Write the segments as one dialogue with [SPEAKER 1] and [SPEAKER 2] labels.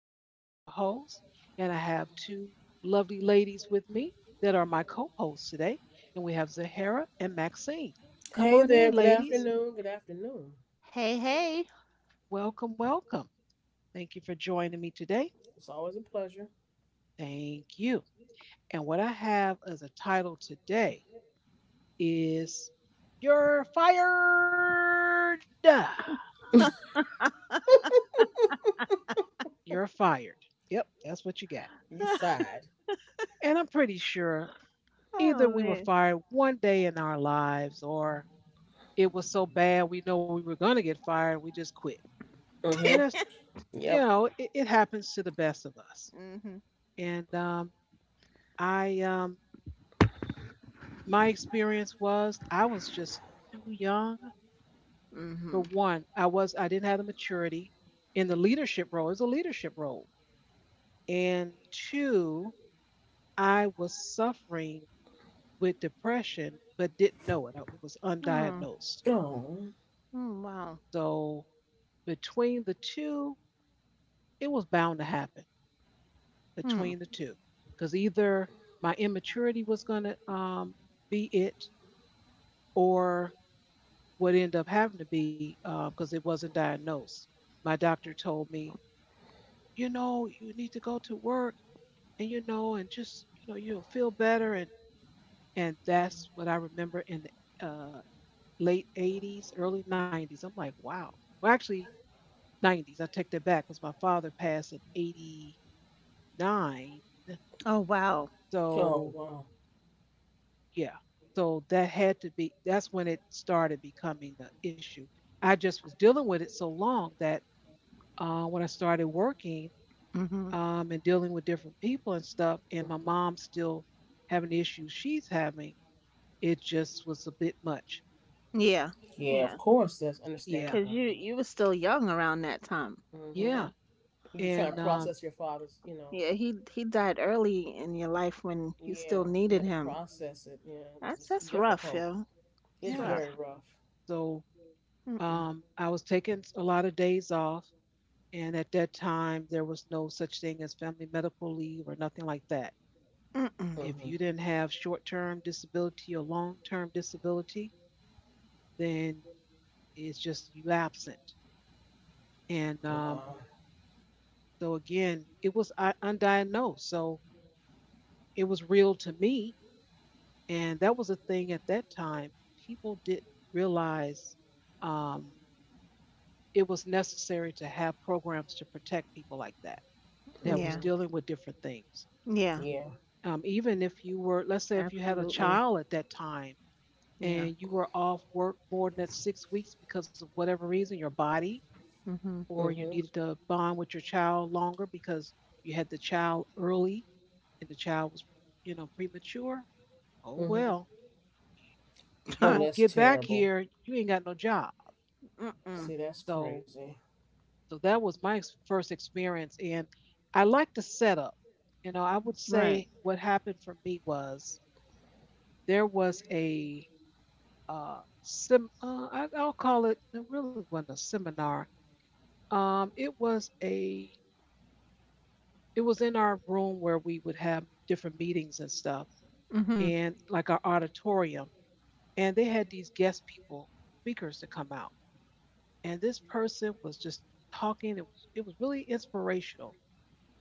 [SPEAKER 1] am Shar, your host, and I have two lovely ladies with me that are my co hosts today. And we have Zahara and Maxine. Come
[SPEAKER 2] Hey
[SPEAKER 1] on
[SPEAKER 2] there.
[SPEAKER 1] in,
[SPEAKER 2] Good
[SPEAKER 1] ladies.
[SPEAKER 2] afternoon. Good afternoon.
[SPEAKER 3] Hey, hey.
[SPEAKER 1] Welcome, welcome. Thank you for joining me today.
[SPEAKER 2] It's always a pleasure.
[SPEAKER 1] Thank you. And what I have as a title today is You're Fired. You're fired. Yep, that's what you got.
[SPEAKER 2] You fired.
[SPEAKER 1] And I'm pretty sure either
[SPEAKER 3] Oh,
[SPEAKER 1] we were
[SPEAKER 3] man.
[SPEAKER 1] fired one day in our lives, or it was so bad we know we were going to get fired, we just quit.
[SPEAKER 2] Uh
[SPEAKER 1] And
[SPEAKER 2] huh.
[SPEAKER 1] that's, you
[SPEAKER 2] Yep.
[SPEAKER 1] know, it, it happens to the best of us.
[SPEAKER 3] Mhm.
[SPEAKER 1] And I, um, my experience was I was just too young. For
[SPEAKER 3] Mhm.
[SPEAKER 1] one, I didn't have the maturity in the leadership role. It was a leadership role. And two, I was suffering with depression, but didn't know it. It was
[SPEAKER 3] Oh.
[SPEAKER 1] undiagnosed.
[SPEAKER 2] Oh.
[SPEAKER 3] Mm, wow.
[SPEAKER 1] So between the two, it was bound to happen
[SPEAKER 3] Hmm.
[SPEAKER 1] between the two. Because either my immaturity was going to be it, or what ended up having to be because it wasn't diagnosed. My doctor told me, you know, you need to go to work and, you know, and just, you know, you'll feel better. And that's what I remember in the uh, late 80s, early 90s. I'm like, wow. Well, actually, 90s. I take that back because my father passed in 89.
[SPEAKER 3] Oh, wow.
[SPEAKER 2] Oh
[SPEAKER 1] So
[SPEAKER 2] wow.
[SPEAKER 1] yeah, so that had to be. That's when it started becoming the issue. I just was dealing with it so long that when I started working,
[SPEAKER 3] Mhm.
[SPEAKER 1] and dealing with different people and stuff, and my mom still having the issues she's having, it just was a bit much.
[SPEAKER 3] Yeah.
[SPEAKER 2] Yeah. Of
[SPEAKER 3] Yeah.
[SPEAKER 2] course. That's
[SPEAKER 1] Yeah,
[SPEAKER 3] 'Cause
[SPEAKER 2] understandable.
[SPEAKER 3] you
[SPEAKER 2] You
[SPEAKER 3] you were still young around that time.
[SPEAKER 2] know. Mm-hmm.
[SPEAKER 3] Yeah.
[SPEAKER 1] yeah,
[SPEAKER 2] You're trying
[SPEAKER 1] and
[SPEAKER 2] to process your father's. You know.
[SPEAKER 3] Yeah, he died early in your life when you
[SPEAKER 2] Yeah.
[SPEAKER 3] still
[SPEAKER 2] You got
[SPEAKER 3] needed
[SPEAKER 2] to
[SPEAKER 3] him.
[SPEAKER 2] process it. Yeah.
[SPEAKER 3] That's
[SPEAKER 2] It's
[SPEAKER 3] that's rough,
[SPEAKER 2] difficult.
[SPEAKER 3] yo. It's
[SPEAKER 2] It's
[SPEAKER 1] yeah.
[SPEAKER 2] very
[SPEAKER 3] rough.
[SPEAKER 2] rough.
[SPEAKER 1] So
[SPEAKER 3] Mm-mm.
[SPEAKER 1] I was taking a lot of days off, and at that time there was no such thing as family medical leave or nothing like that.
[SPEAKER 3] Mm-mm.
[SPEAKER 1] If
[SPEAKER 2] Mm-hmm.
[SPEAKER 1] you didn't have short term disability or long term disability, then it's just you absent. And
[SPEAKER 2] Wow.
[SPEAKER 1] So, again, it was undiagnosed. So it was real to me. And that was a thing at that time. People didn't realize um, it was necessary to have programs to protect people like that, that was
[SPEAKER 3] Yeah.
[SPEAKER 2] Mm-hmm.
[SPEAKER 1] dealing with different things.
[SPEAKER 3] Yeah.
[SPEAKER 2] Yeah.
[SPEAKER 1] Even if you were, let's say, if you had a
[SPEAKER 3] Absolutely.
[SPEAKER 1] child at that time
[SPEAKER 3] Yeah.
[SPEAKER 1] and you were off work more than 6 weeks because of whatever reason, your body,
[SPEAKER 3] Mhm.
[SPEAKER 1] or you
[SPEAKER 2] Mm-hmm.
[SPEAKER 1] needed to bond with your child longer because you had the child early and the child was, you know, premature, oh
[SPEAKER 2] Mm-hmm.
[SPEAKER 1] well, if you
[SPEAKER 2] Oh,
[SPEAKER 3] Huh.
[SPEAKER 1] don't
[SPEAKER 2] that's
[SPEAKER 1] get back
[SPEAKER 2] terrible.
[SPEAKER 1] here, you ain't got no job.
[SPEAKER 3] Mm-mm.
[SPEAKER 2] See, that's
[SPEAKER 1] So,
[SPEAKER 2] crazy.
[SPEAKER 1] so that was my first experience, and I like the setup. You know, I would
[SPEAKER 3] Right.
[SPEAKER 1] say what happened for me was there was a I'll call it. It really wasn't a seminar. It was a it was in our room where we would have different meetings and stuff,
[SPEAKER 3] Mhm.
[SPEAKER 1] and like our auditorium. And they had these guest people, speakers to come out. And this person was just talking. It was really inspirational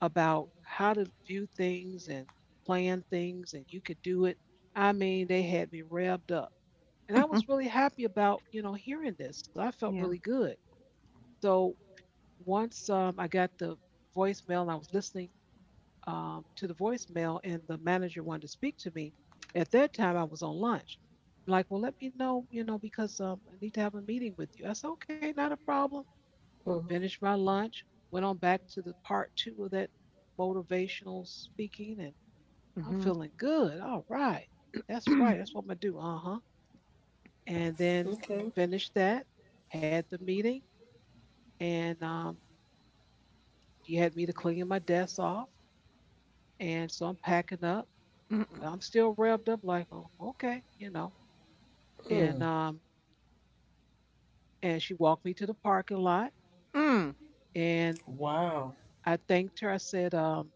[SPEAKER 1] about how to view things and plan things, and you could do it. I mean, they had me revved up, and I was really happy about you know hearing this. So I felt
[SPEAKER 3] Yeah.
[SPEAKER 1] really good. So once I got the voicemail and I was listening to the voicemail, and the manager wanted to speak to me. At that time, I was on lunch. I'm like, well, let me know, you know, because I need to have a meeting with you. I said, okay, not a problem.
[SPEAKER 2] Mm-hmm.
[SPEAKER 1] Finished my lunch, went on back to the part two of that motivational speaking, and I'm
[SPEAKER 3] Mhm.
[SPEAKER 1] feeling good. All right. That's right. That's what I'm going to do. Uh huh. And then
[SPEAKER 2] Okay.
[SPEAKER 1] finished that, had the meeting, and she had me to clean my desk off. And so I'm packing up.
[SPEAKER 3] Mm-mm.
[SPEAKER 1] I'm still revved up, like, oh, okay, you know. And
[SPEAKER 2] Mm.
[SPEAKER 1] um, and she walked me to the parking lot,
[SPEAKER 3] Mm.
[SPEAKER 1] and
[SPEAKER 2] Wow.
[SPEAKER 1] I thanked her. I said,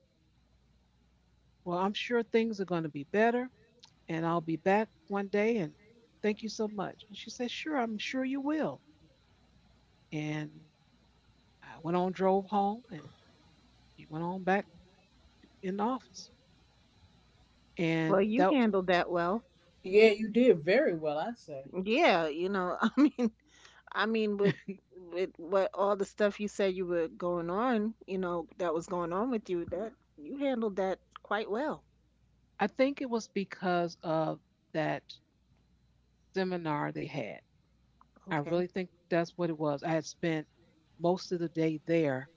[SPEAKER 1] well, I'm sure things are going to be better, and I'll be back one day. And thank you so much. And she said, sure, I'm sure you will. And I went on, drove home, and she went on back in the office. And
[SPEAKER 3] Well, you
[SPEAKER 1] that
[SPEAKER 3] handled that well.
[SPEAKER 2] Yeah, you did very well, I say.
[SPEAKER 3] Yeah, you know, I mean, with what all the stuff you said you were going on, you know, that was going on with you, that you handled that quite well.
[SPEAKER 1] I think it was because of that seminar they had. I
[SPEAKER 3] Okay.
[SPEAKER 1] really think that's what it was. I had spent most of the day there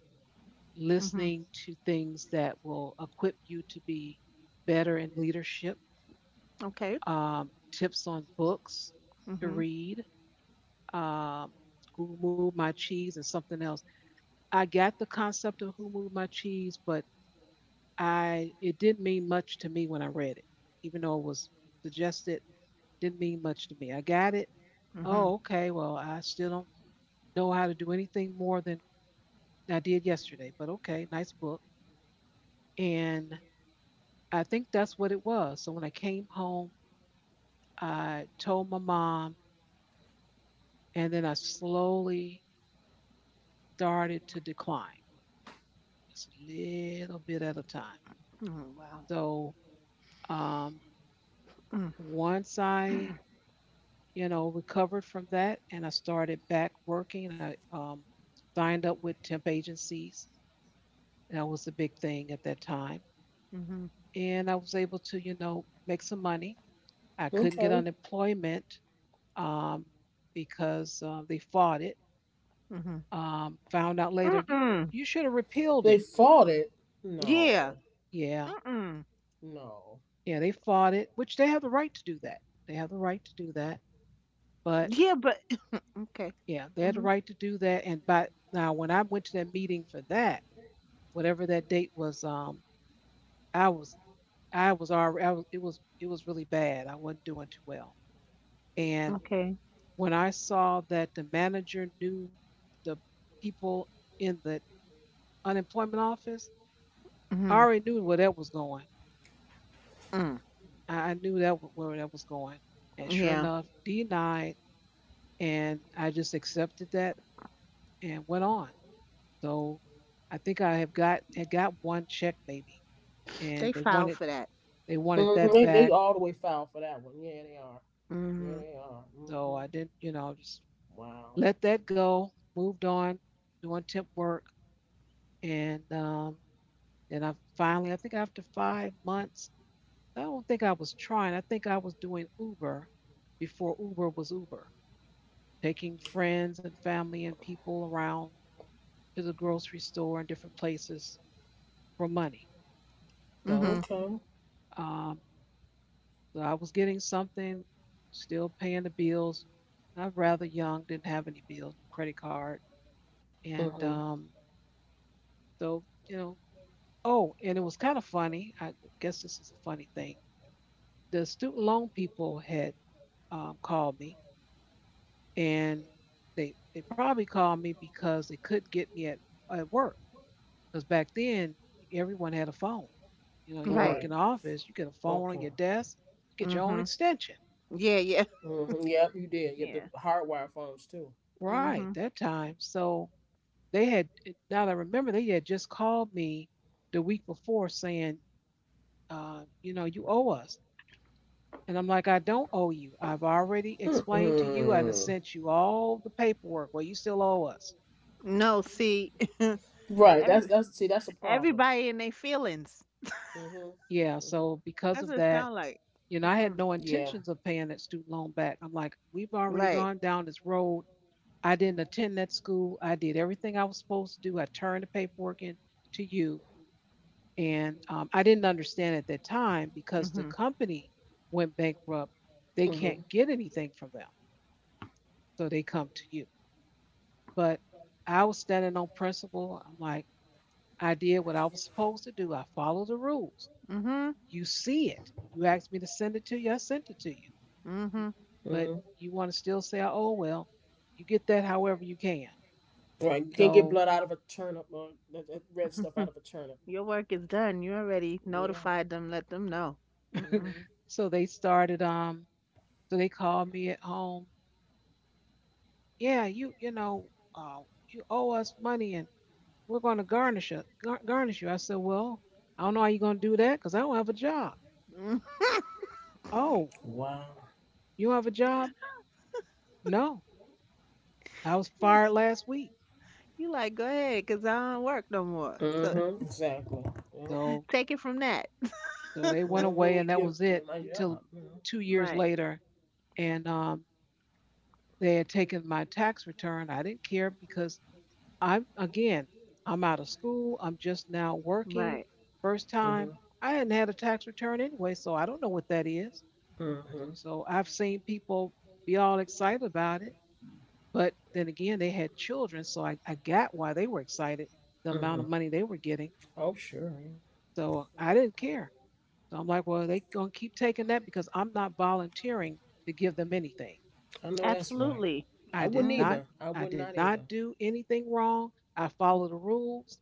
[SPEAKER 3] Mhm.
[SPEAKER 1] listening to things that will equip you to be better in leadership,
[SPEAKER 3] Okay.
[SPEAKER 1] tips on books to
[SPEAKER 3] Mhm.
[SPEAKER 1] read, um, Who Moved My Cheese, and something else. I got the concept of Who Moved My Cheese, but I it didn't mean much to me when I read it, even though it was suggested. Didn't mean much to me. I got it.
[SPEAKER 3] Mhm.
[SPEAKER 1] Oh, okay. Well, I still don't know how to do anything more than I did yesterday, but okay, nice book. And I think that's what it was. So when I came home, I told my mom, and then I slowly started to decline, just a little bit at a time.
[SPEAKER 3] Oh, wow.
[SPEAKER 1] So um,
[SPEAKER 3] Mm.
[SPEAKER 1] once you know, recovered from that, and I started back working, I signed up with temp agencies. That was the big thing at that time,
[SPEAKER 3] Mhm.
[SPEAKER 1] and I was able to, you know, make some money. I couldn't get
[SPEAKER 2] Okay.
[SPEAKER 1] unemployment, um, because they fought it.
[SPEAKER 3] Mhm.
[SPEAKER 1] Found out later,
[SPEAKER 3] Mm-mm.
[SPEAKER 1] you should have repealed
[SPEAKER 2] They
[SPEAKER 1] it.
[SPEAKER 2] fought it.
[SPEAKER 3] Yeah.
[SPEAKER 2] No.
[SPEAKER 1] Yeah,
[SPEAKER 3] Mm-mm.
[SPEAKER 2] No.
[SPEAKER 1] yeah, they fought it, which they have the right to do that. They have the right to do that. But
[SPEAKER 3] Yeah, but okay.
[SPEAKER 1] yeah, they had the
[SPEAKER 3] Mhm.
[SPEAKER 1] right to do that. And by now, when I went to that meeting for that, whatever that date was, I was I was already I was, it was it was really bad. I wasn't doing too well. And
[SPEAKER 3] Okay.
[SPEAKER 1] when I saw that the manager knew the people in the unemployment office, I
[SPEAKER 3] Mhm.
[SPEAKER 1] already knew where that was going.
[SPEAKER 3] Mm.
[SPEAKER 1] I knew that where that was going. And sure
[SPEAKER 3] Yeah.
[SPEAKER 1] enough, denied. And I just accepted that and went on. So I think I have got one check maybe,
[SPEAKER 3] They
[SPEAKER 1] and they
[SPEAKER 3] filed
[SPEAKER 1] wanted
[SPEAKER 3] for that.
[SPEAKER 1] they wanted
[SPEAKER 2] hmm
[SPEAKER 1] that
[SPEAKER 2] They they
[SPEAKER 1] back.
[SPEAKER 2] all the way foul for that one. Yeah, they are. Yeah,
[SPEAKER 3] Mhm.
[SPEAKER 2] they are.
[SPEAKER 1] So
[SPEAKER 2] Hmm.
[SPEAKER 1] I didn't, you know, just
[SPEAKER 2] Wow.
[SPEAKER 1] let that go. Moved on, doing temp work, and then I finally, I think after 5 months, I don't think I was trying. I think I was doing Uber before Uber was Uber, taking friends and family and people around to the grocery store and different places for money. So,
[SPEAKER 3] Mhm.
[SPEAKER 2] Okay.
[SPEAKER 1] um, so I was getting something, still paying the bills. I was rather young, didn't have any bills, no credit card, and
[SPEAKER 2] Hmm.
[SPEAKER 1] um, so you know. Oh, and it was kind of funny. I guess this is a funny thing. The student loan people had called me, and they probably called me because they couldn't get me at work because back then everyone had a phone. You know, you work
[SPEAKER 3] Right.
[SPEAKER 2] Right.
[SPEAKER 1] in the office, you get a phone on
[SPEAKER 2] Okay.
[SPEAKER 1] your desk, you get your own
[SPEAKER 3] Mhm.
[SPEAKER 1] extension.
[SPEAKER 3] Yeah, yeah.
[SPEAKER 2] Hmm. Yep, you did. You have the
[SPEAKER 3] Yeah.
[SPEAKER 2] hardwire phones too.
[SPEAKER 1] Right,
[SPEAKER 3] Hmm.
[SPEAKER 1] that time. So they had, now that I remember, they had just called me the week before saying, you know, you owe us. And I'm like, I don't owe you. I've already explained to you and I
[SPEAKER 2] Mm-mm.
[SPEAKER 1] sent you all the paperwork. Well, you still owe us.
[SPEAKER 3] No, see,
[SPEAKER 2] Right.
[SPEAKER 3] every
[SPEAKER 2] That's see. That's a problem.
[SPEAKER 3] everybody in their feelings.
[SPEAKER 2] Hmm, hmm.
[SPEAKER 1] Yeah. So because
[SPEAKER 3] That's
[SPEAKER 1] of
[SPEAKER 3] what it
[SPEAKER 1] that,
[SPEAKER 3] sound like.
[SPEAKER 1] you know, I had
[SPEAKER 3] Mm-mm.
[SPEAKER 1] no
[SPEAKER 2] Yeah.
[SPEAKER 1] intentions of paying that student loan back. I'm like, we've already
[SPEAKER 3] Right.
[SPEAKER 1] gone down this road. I didn't attend that school. I did everything I was supposed to do. I turned the paperwork in to you. And I didn't understand at that time because the
[SPEAKER 3] Hmm.
[SPEAKER 1] company went bankrupt. They
[SPEAKER 2] hmm
[SPEAKER 1] can't get anything from them. So they come to you. But I was standing on principle. I'm like, I did what I was supposed to do. I followed the rules.
[SPEAKER 3] Hmm.
[SPEAKER 1] You see it. You asked me to send it to you. I sent it to you.
[SPEAKER 3] Hmm.
[SPEAKER 1] But
[SPEAKER 2] hmm
[SPEAKER 1] you want to still say, oh, well, you get that however you can.
[SPEAKER 2] Right. You can't get
[SPEAKER 1] So
[SPEAKER 2] blood out of a turnip or that red stuff out of a turnip.
[SPEAKER 3] Your work is done. You already
[SPEAKER 2] Yeah.
[SPEAKER 3] notified them. Let them know. Mm-mm.
[SPEAKER 2] Hmm.
[SPEAKER 1] so they started um So they called me at home. Yeah, you know, you owe us money, and we're going to garnish you. Garnish you. I said, well, I don't know how you're going to do that because I don't have a job.
[SPEAKER 3] Mm.
[SPEAKER 1] Oh,
[SPEAKER 2] Wow.
[SPEAKER 1] you don't have a job? No, I was fired last week.
[SPEAKER 3] You like, go ahead, 'cause I don't work no more. So
[SPEAKER 2] Hmm. Exactly. Yeah.
[SPEAKER 1] So,
[SPEAKER 3] take it from that.
[SPEAKER 1] so they went
[SPEAKER 2] Mm-hmm.
[SPEAKER 1] away,
[SPEAKER 2] You
[SPEAKER 1] and that
[SPEAKER 2] get
[SPEAKER 1] was it
[SPEAKER 2] my
[SPEAKER 1] until
[SPEAKER 2] job.
[SPEAKER 1] 2 years
[SPEAKER 3] Right.
[SPEAKER 1] later, and they had taken my tax return. I didn't care because I'm again, I'm out of school. I'm just now working.
[SPEAKER 3] Right.
[SPEAKER 1] First
[SPEAKER 2] Mm-hmm.
[SPEAKER 1] time. I hadn't had a tax return anyway, so I don't know what that is. So,
[SPEAKER 2] Mm-hmm.
[SPEAKER 1] so I've seen people be all excited about it. But then again, they had children, so I got why they were excited, the amount
[SPEAKER 2] Mm-hmm.
[SPEAKER 1] of money they were getting.
[SPEAKER 2] Oh, sure. Yeah.
[SPEAKER 1] So I didn't care. So I'm like, well, they gonna keep taking that because I'm not volunteering to give them anything.
[SPEAKER 2] I know that's right.
[SPEAKER 3] Absolutely.
[SPEAKER 2] I
[SPEAKER 1] I did
[SPEAKER 2] wouldn't
[SPEAKER 3] Hmm.
[SPEAKER 1] not
[SPEAKER 2] either. I
[SPEAKER 1] I
[SPEAKER 2] would
[SPEAKER 1] did
[SPEAKER 2] not
[SPEAKER 1] not
[SPEAKER 2] either.
[SPEAKER 1] do anything wrong. I follow the rules.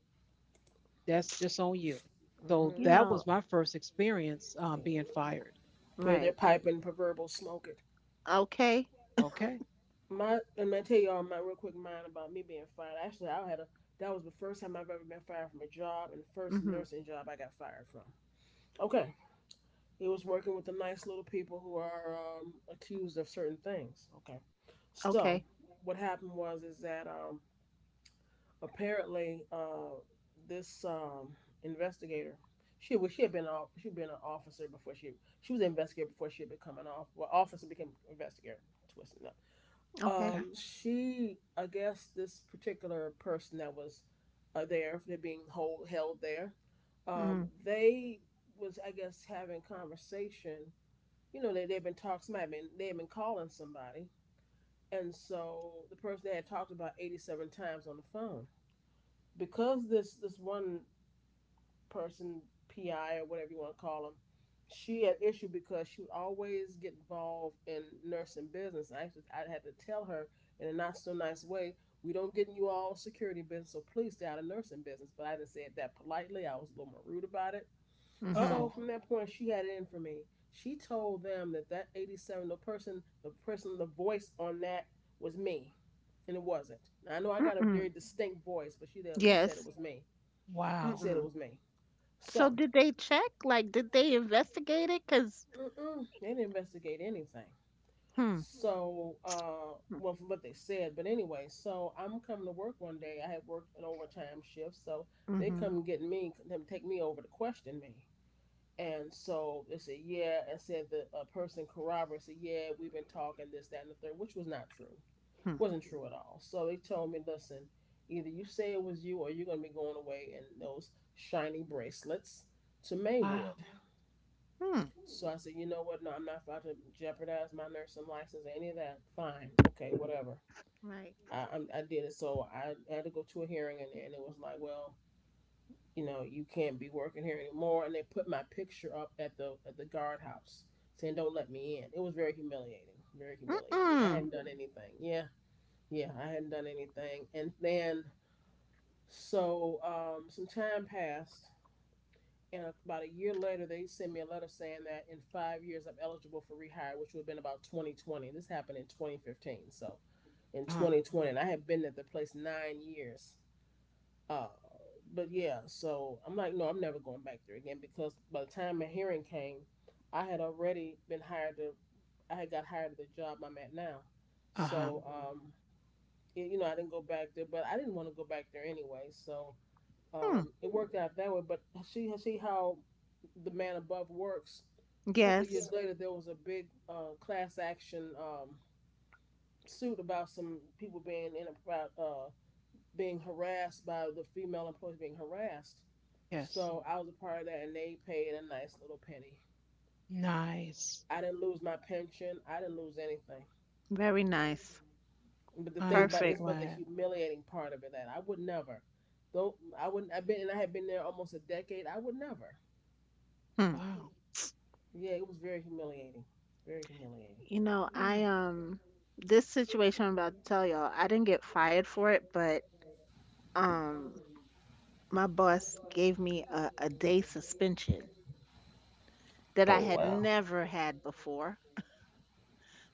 [SPEAKER 1] That's just on you. So
[SPEAKER 3] You
[SPEAKER 2] Mm-hmm.
[SPEAKER 1] that
[SPEAKER 3] know.
[SPEAKER 1] was my first experience being fired.
[SPEAKER 2] Put their
[SPEAKER 3] Right.
[SPEAKER 2] pipe and proverbial smoke it.
[SPEAKER 3] Okay.
[SPEAKER 1] Okay.
[SPEAKER 2] My and I tell you all my real quick mind about me being fired. Actually, I had a that was the first time I've ever been fired from a job and first
[SPEAKER 3] Hmm.
[SPEAKER 2] nursing job I got fired from. Okay, it was working with the nice little people who are accused of certain things. Okay, so
[SPEAKER 3] Okay.
[SPEAKER 2] what happened was is that apparently, this investigator, she was, she had been off, she'd been an officer before she was an investigator before she had become an off, well, officer became investigator, twisting up.
[SPEAKER 3] Okay.
[SPEAKER 1] Okay.
[SPEAKER 2] She, I guess this particular person that was, there, they're being hold held there,
[SPEAKER 3] Hmm.
[SPEAKER 2] they was, I guess, having conversation, they've been talking, might have been they had been calling somebody, and so the person they had talked about 87 times on the phone, because this one person, PI or whatever you want to call them, she had issue because she would always get involved in nursing business. I had to tell her in a not so nice way, we don't get in you all security business, so please stay out of nursing business. But I didn't say it that politely. I was a little more rude about it.
[SPEAKER 1] Uh
[SPEAKER 2] So
[SPEAKER 1] oh.
[SPEAKER 2] from that point, she had it in for me. She told them that 87, the person, the voice on that was me, and it wasn't. Now, I know I got a
[SPEAKER 3] Hmm.
[SPEAKER 2] very distinct voice, but she said it
[SPEAKER 3] Yes.
[SPEAKER 2] was me. She
[SPEAKER 1] Wow.
[SPEAKER 2] said it
[SPEAKER 3] Mm-mm.
[SPEAKER 2] was me.
[SPEAKER 3] So
[SPEAKER 2] So,
[SPEAKER 3] did they check? Like, did they investigate it? Cause
[SPEAKER 2] mm-mm, they didn't investigate anything.
[SPEAKER 3] hmm,
[SPEAKER 2] So,
[SPEAKER 3] hmm,
[SPEAKER 2] well, from what they said. But anyway, so I'm coming to work one day. I had worked an overtime shift, so they
[SPEAKER 3] mm-hmm,
[SPEAKER 2] come and get me, them take me over to question me. And so they said, yeah, and said the person corroborated, said, yeah, we've been talking this, that, and the third, which was not true,
[SPEAKER 3] hmm,
[SPEAKER 2] wasn't true at all. So they told me, listen, either you say it was you or you're going to be going away in those shiny bracelets to Maywood.
[SPEAKER 1] Wow.
[SPEAKER 3] hmm.
[SPEAKER 2] So I said, you know what? No, I'm not about to jeopardize my nursing license, or any of that. Fine. Okay, whatever.
[SPEAKER 3] Right.
[SPEAKER 2] I did it. So I had to go to a hearing, and it was like, well, you know, you can't be working here anymore. And they put my picture up at the guardhouse, saying, don't let me in. It was very humiliating. Very humiliating. I
[SPEAKER 3] Mm-mm.
[SPEAKER 2] hadn't done anything. Yeah. Yeah, I hadn't done anything. And then, so, some time passed, and about a year later, they sent me a letter saying that in 5 years I'm eligible for rehire, which would have been about 2020. This happened in 2015, so
[SPEAKER 1] Uh
[SPEAKER 2] in
[SPEAKER 1] huh.
[SPEAKER 2] 2020, and I had been at the place 9 years. Uh, but yeah, so I'm like, no, I'm never going back there again, because by the time my hearing came, I had already been hired to, I had got hired at the job I'm at now.
[SPEAKER 1] Uh huh.
[SPEAKER 2] So, Mhm. It, I didn't go back there, but I didn't want to go back there anyway. So,
[SPEAKER 3] Hmm.
[SPEAKER 2] it worked out that way, but see how the man above works. A couple of years,
[SPEAKER 3] Yes.
[SPEAKER 2] yeah, later, there was a big, class action suit about some people being in about, being harassed by the female employees being harassed.
[SPEAKER 1] Yes.
[SPEAKER 2] So I was a part of that, and they paid a nice little penny.
[SPEAKER 1] Nice.
[SPEAKER 2] I didn't lose my pension. I didn't lose anything.
[SPEAKER 3] Very nice.
[SPEAKER 2] But the
[SPEAKER 1] I am
[SPEAKER 2] thing
[SPEAKER 1] so
[SPEAKER 2] about it
[SPEAKER 3] Perfect.
[SPEAKER 2] is, but the
[SPEAKER 1] glad.
[SPEAKER 2] humiliating part of it that I would never, though I wouldn't. I had been there almost a decade. I would never.
[SPEAKER 3] Hmm.
[SPEAKER 1] Wow.
[SPEAKER 2] Yeah, it was very humiliating. Very humiliating.
[SPEAKER 3] You know,
[SPEAKER 1] Uh
[SPEAKER 3] I um, this situation I'm about to tell y'all, I didn't get fired for it, but um, my boss gave me a day suspension that I
[SPEAKER 2] Oh
[SPEAKER 3] had
[SPEAKER 2] wow.
[SPEAKER 3] never had before.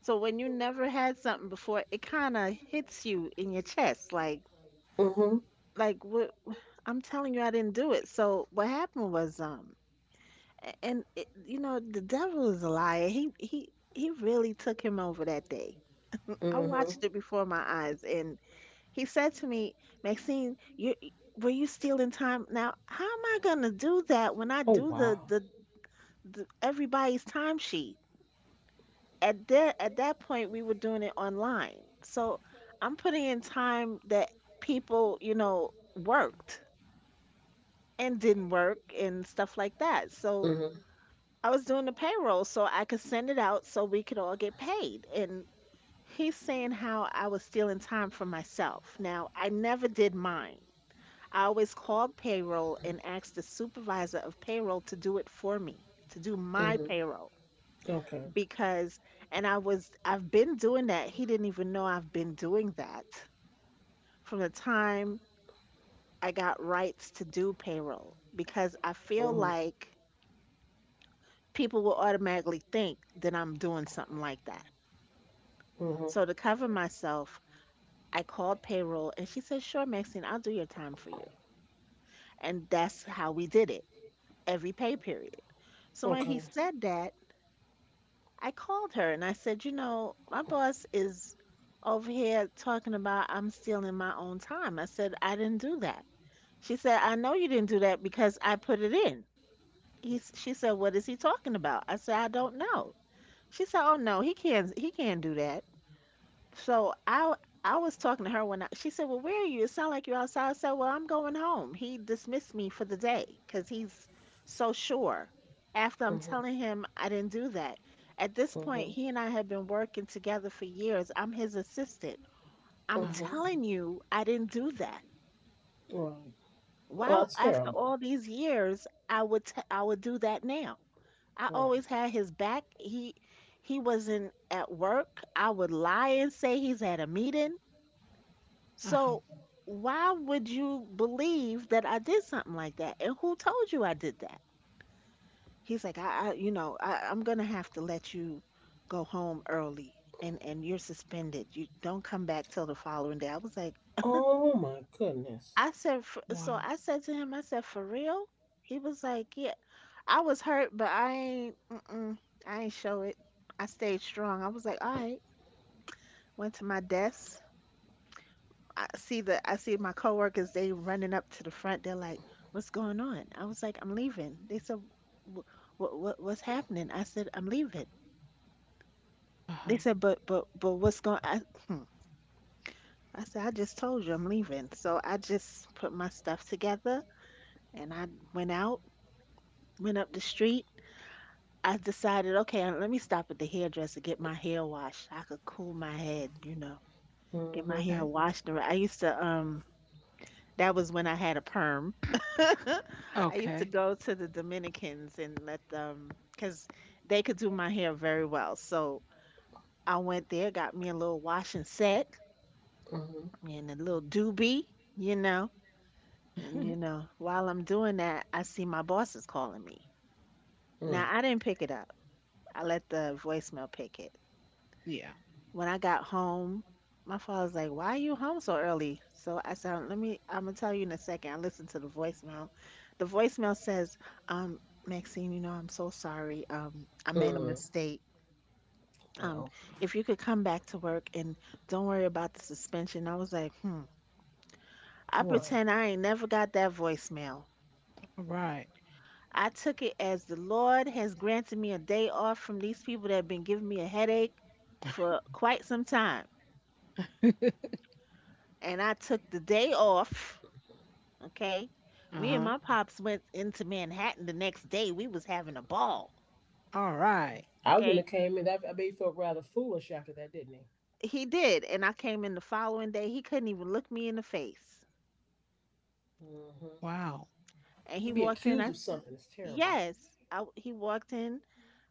[SPEAKER 3] So when you never had something before, it kind of hits you in your chest,
[SPEAKER 2] Mhm.
[SPEAKER 3] like what. I'm telling you I didn't do it. So what happened was a- and it, you know the devil is a liar. He he really took him over that day. I
[SPEAKER 2] Mhm.
[SPEAKER 3] watched it before my eyes and he said to me, "Maxine, you were you stealing time? Now, how am I going to do that when I
[SPEAKER 2] Oh
[SPEAKER 3] do
[SPEAKER 2] wow.
[SPEAKER 3] the everybody's timesheet?" At that point we were doing it online. So, I'm putting in time that people, you know, worked and didn't work and stuff like that. So
[SPEAKER 2] Mhm.
[SPEAKER 3] I was doing the payroll so I could send it out so we could all get paid. And he's saying how I was stealing time for myself. Now, I never did mine. I always called payroll and asked the supervisor of payroll to do it for me, to do my
[SPEAKER 2] Mhm.
[SPEAKER 3] payroll
[SPEAKER 2] Okay.
[SPEAKER 3] because and I was I've been doing that. He didn't even know I've been doing that from the time I got rights to do payroll because I feel
[SPEAKER 2] Mhm.
[SPEAKER 3] like people will automatically think that I'm doing something like that.
[SPEAKER 2] Mhm.
[SPEAKER 3] So to cover myself, I called payroll and she said, sure, Maxine, I'll do your time for you. And that's how we did it every pay period. So when he
[SPEAKER 2] Okay.
[SPEAKER 3] said that, I called her and I said, you know, my boss is over here talking about I'm stealing my own time. I said, I didn't do that. She said, I know you didn't do that because I put it in. She said, what is he talking about? I said, I don't know. She said, oh no, he can't do that. So I was talking to her when I, she said, "Well, where are you? It sounds like you're outside." I said, "Well, I'm going home." He dismissed me for the day because he's so sure. After I'm
[SPEAKER 2] Mhm.
[SPEAKER 3] telling him I didn't do that. At this point,
[SPEAKER 2] Mhm.
[SPEAKER 3] he and I have been working together for years. I'm his assistant. I'm
[SPEAKER 1] huh.
[SPEAKER 2] Mhm.
[SPEAKER 3] telling you, I didn't do that.
[SPEAKER 2] Right. Well,
[SPEAKER 3] Why,
[SPEAKER 2] that's
[SPEAKER 3] after
[SPEAKER 2] terrible.
[SPEAKER 3] all these years, I would do that now. I
[SPEAKER 2] Right.
[SPEAKER 3] always had his back. He wasn't at work. I would lie and say he's at a meeting.
[SPEAKER 1] Uh-huh.
[SPEAKER 3] So why would you believe that I did something like that? And who told you I did that? He's like, I you know, I'm gonna have to let you go home early and you're suspended. You don't come back till the following day. I was like,
[SPEAKER 2] Oh my goodness.
[SPEAKER 3] I said, "F- so
[SPEAKER 1] Wow.
[SPEAKER 3] I said to him, I said, for real? He was like, yeah. I was hurt, but I ain't, mm-mm, I ain't show it. I stayed strong. I was like, all right. Went to my desk, I see my coworkers. They running up to the front. They're like, "What's going on?" I was like, "I'm leaving." They said, "What what what's happening?" I said, "I'm leaving."
[SPEAKER 1] Uh
[SPEAKER 3] They
[SPEAKER 1] huh.
[SPEAKER 3] said, but what's going?" I, hmm. I said, "I just told you I'm leaving." So I just put my stuff together and I went out, went up the street. I decided, okay, let me stop at the hairdresser get my hair washed. I could cool my head, you know, get my
[SPEAKER 2] Mhm.
[SPEAKER 3] hair
[SPEAKER 1] Okay.
[SPEAKER 3] washed. And I used to. That was when I had a perm. I used to
[SPEAKER 1] Okay.
[SPEAKER 3] go to the Dominicans and let them, because they could do my hair very well. So I went there, got me a little wash and set
[SPEAKER 2] Mhm.
[SPEAKER 3] and a little doobie, you know. And, you know, while I'm doing that, I see my boss is calling me.
[SPEAKER 2] Mhm.
[SPEAKER 3] Now, I didn't pick it up, I let the voicemail pick it.
[SPEAKER 1] Yeah.
[SPEAKER 3] When I got home, my father's like, "Why are you home so early?" So I said, "Let me. I'm gonna tell you in a second." I listened to the voicemail. The voicemail says, um, Maxine, you know, I'm so sorry. I made a
[SPEAKER 2] Mm.
[SPEAKER 3] mistake. Um,
[SPEAKER 2] Well.
[SPEAKER 3] if you could come back to work and don't worry about the suspension." I was like, "Hmm." I
[SPEAKER 2] Right.
[SPEAKER 3] pretend I ain't never got that voicemail.
[SPEAKER 1] All right.
[SPEAKER 3] I took it as the Lord has granted me a day off from these people that have been giving me a headache for quite some time.
[SPEAKER 1] Uh
[SPEAKER 3] And I took the day off, okay? Me and
[SPEAKER 1] huh.
[SPEAKER 3] my pops went into Manhattan the next day. We was having a ball,
[SPEAKER 1] All right.
[SPEAKER 2] I wouldn't
[SPEAKER 3] okay?
[SPEAKER 2] have came in. I bet he felt rather foolish after that, didn't he?
[SPEAKER 3] He did, and I came in the following day. He couldn't even look me in the face.
[SPEAKER 2] Mhm.
[SPEAKER 1] Wow.
[SPEAKER 3] And
[SPEAKER 2] To
[SPEAKER 3] he
[SPEAKER 2] be
[SPEAKER 3] walked in.
[SPEAKER 2] accused of something is terrible.
[SPEAKER 3] Yes, he walked in.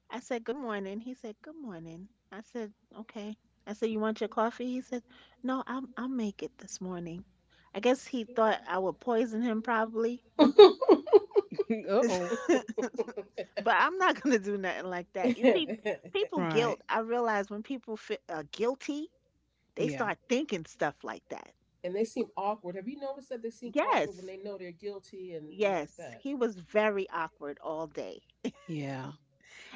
[SPEAKER 3] I said, "Good morning." He said, "Good morning." I said, "Okay." I said, "You want your coffee?" He said, "No, I'll make it this morning." I guess he thought I would poison him probably.
[SPEAKER 1] Uh oh.
[SPEAKER 3] But I'm not gonna do nothing like that. You see, people guilt.
[SPEAKER 1] Right.
[SPEAKER 3] I realize when people feel guilty, they
[SPEAKER 1] Yeah.
[SPEAKER 3] start thinking stuff like that.
[SPEAKER 2] And they seem awkward. Have you noticed that they seem awkward when
[SPEAKER 3] Yes,
[SPEAKER 2] they know they're guilty and like
[SPEAKER 3] yes,
[SPEAKER 2] that?
[SPEAKER 3] he was very awkward all day,
[SPEAKER 1] Yeah.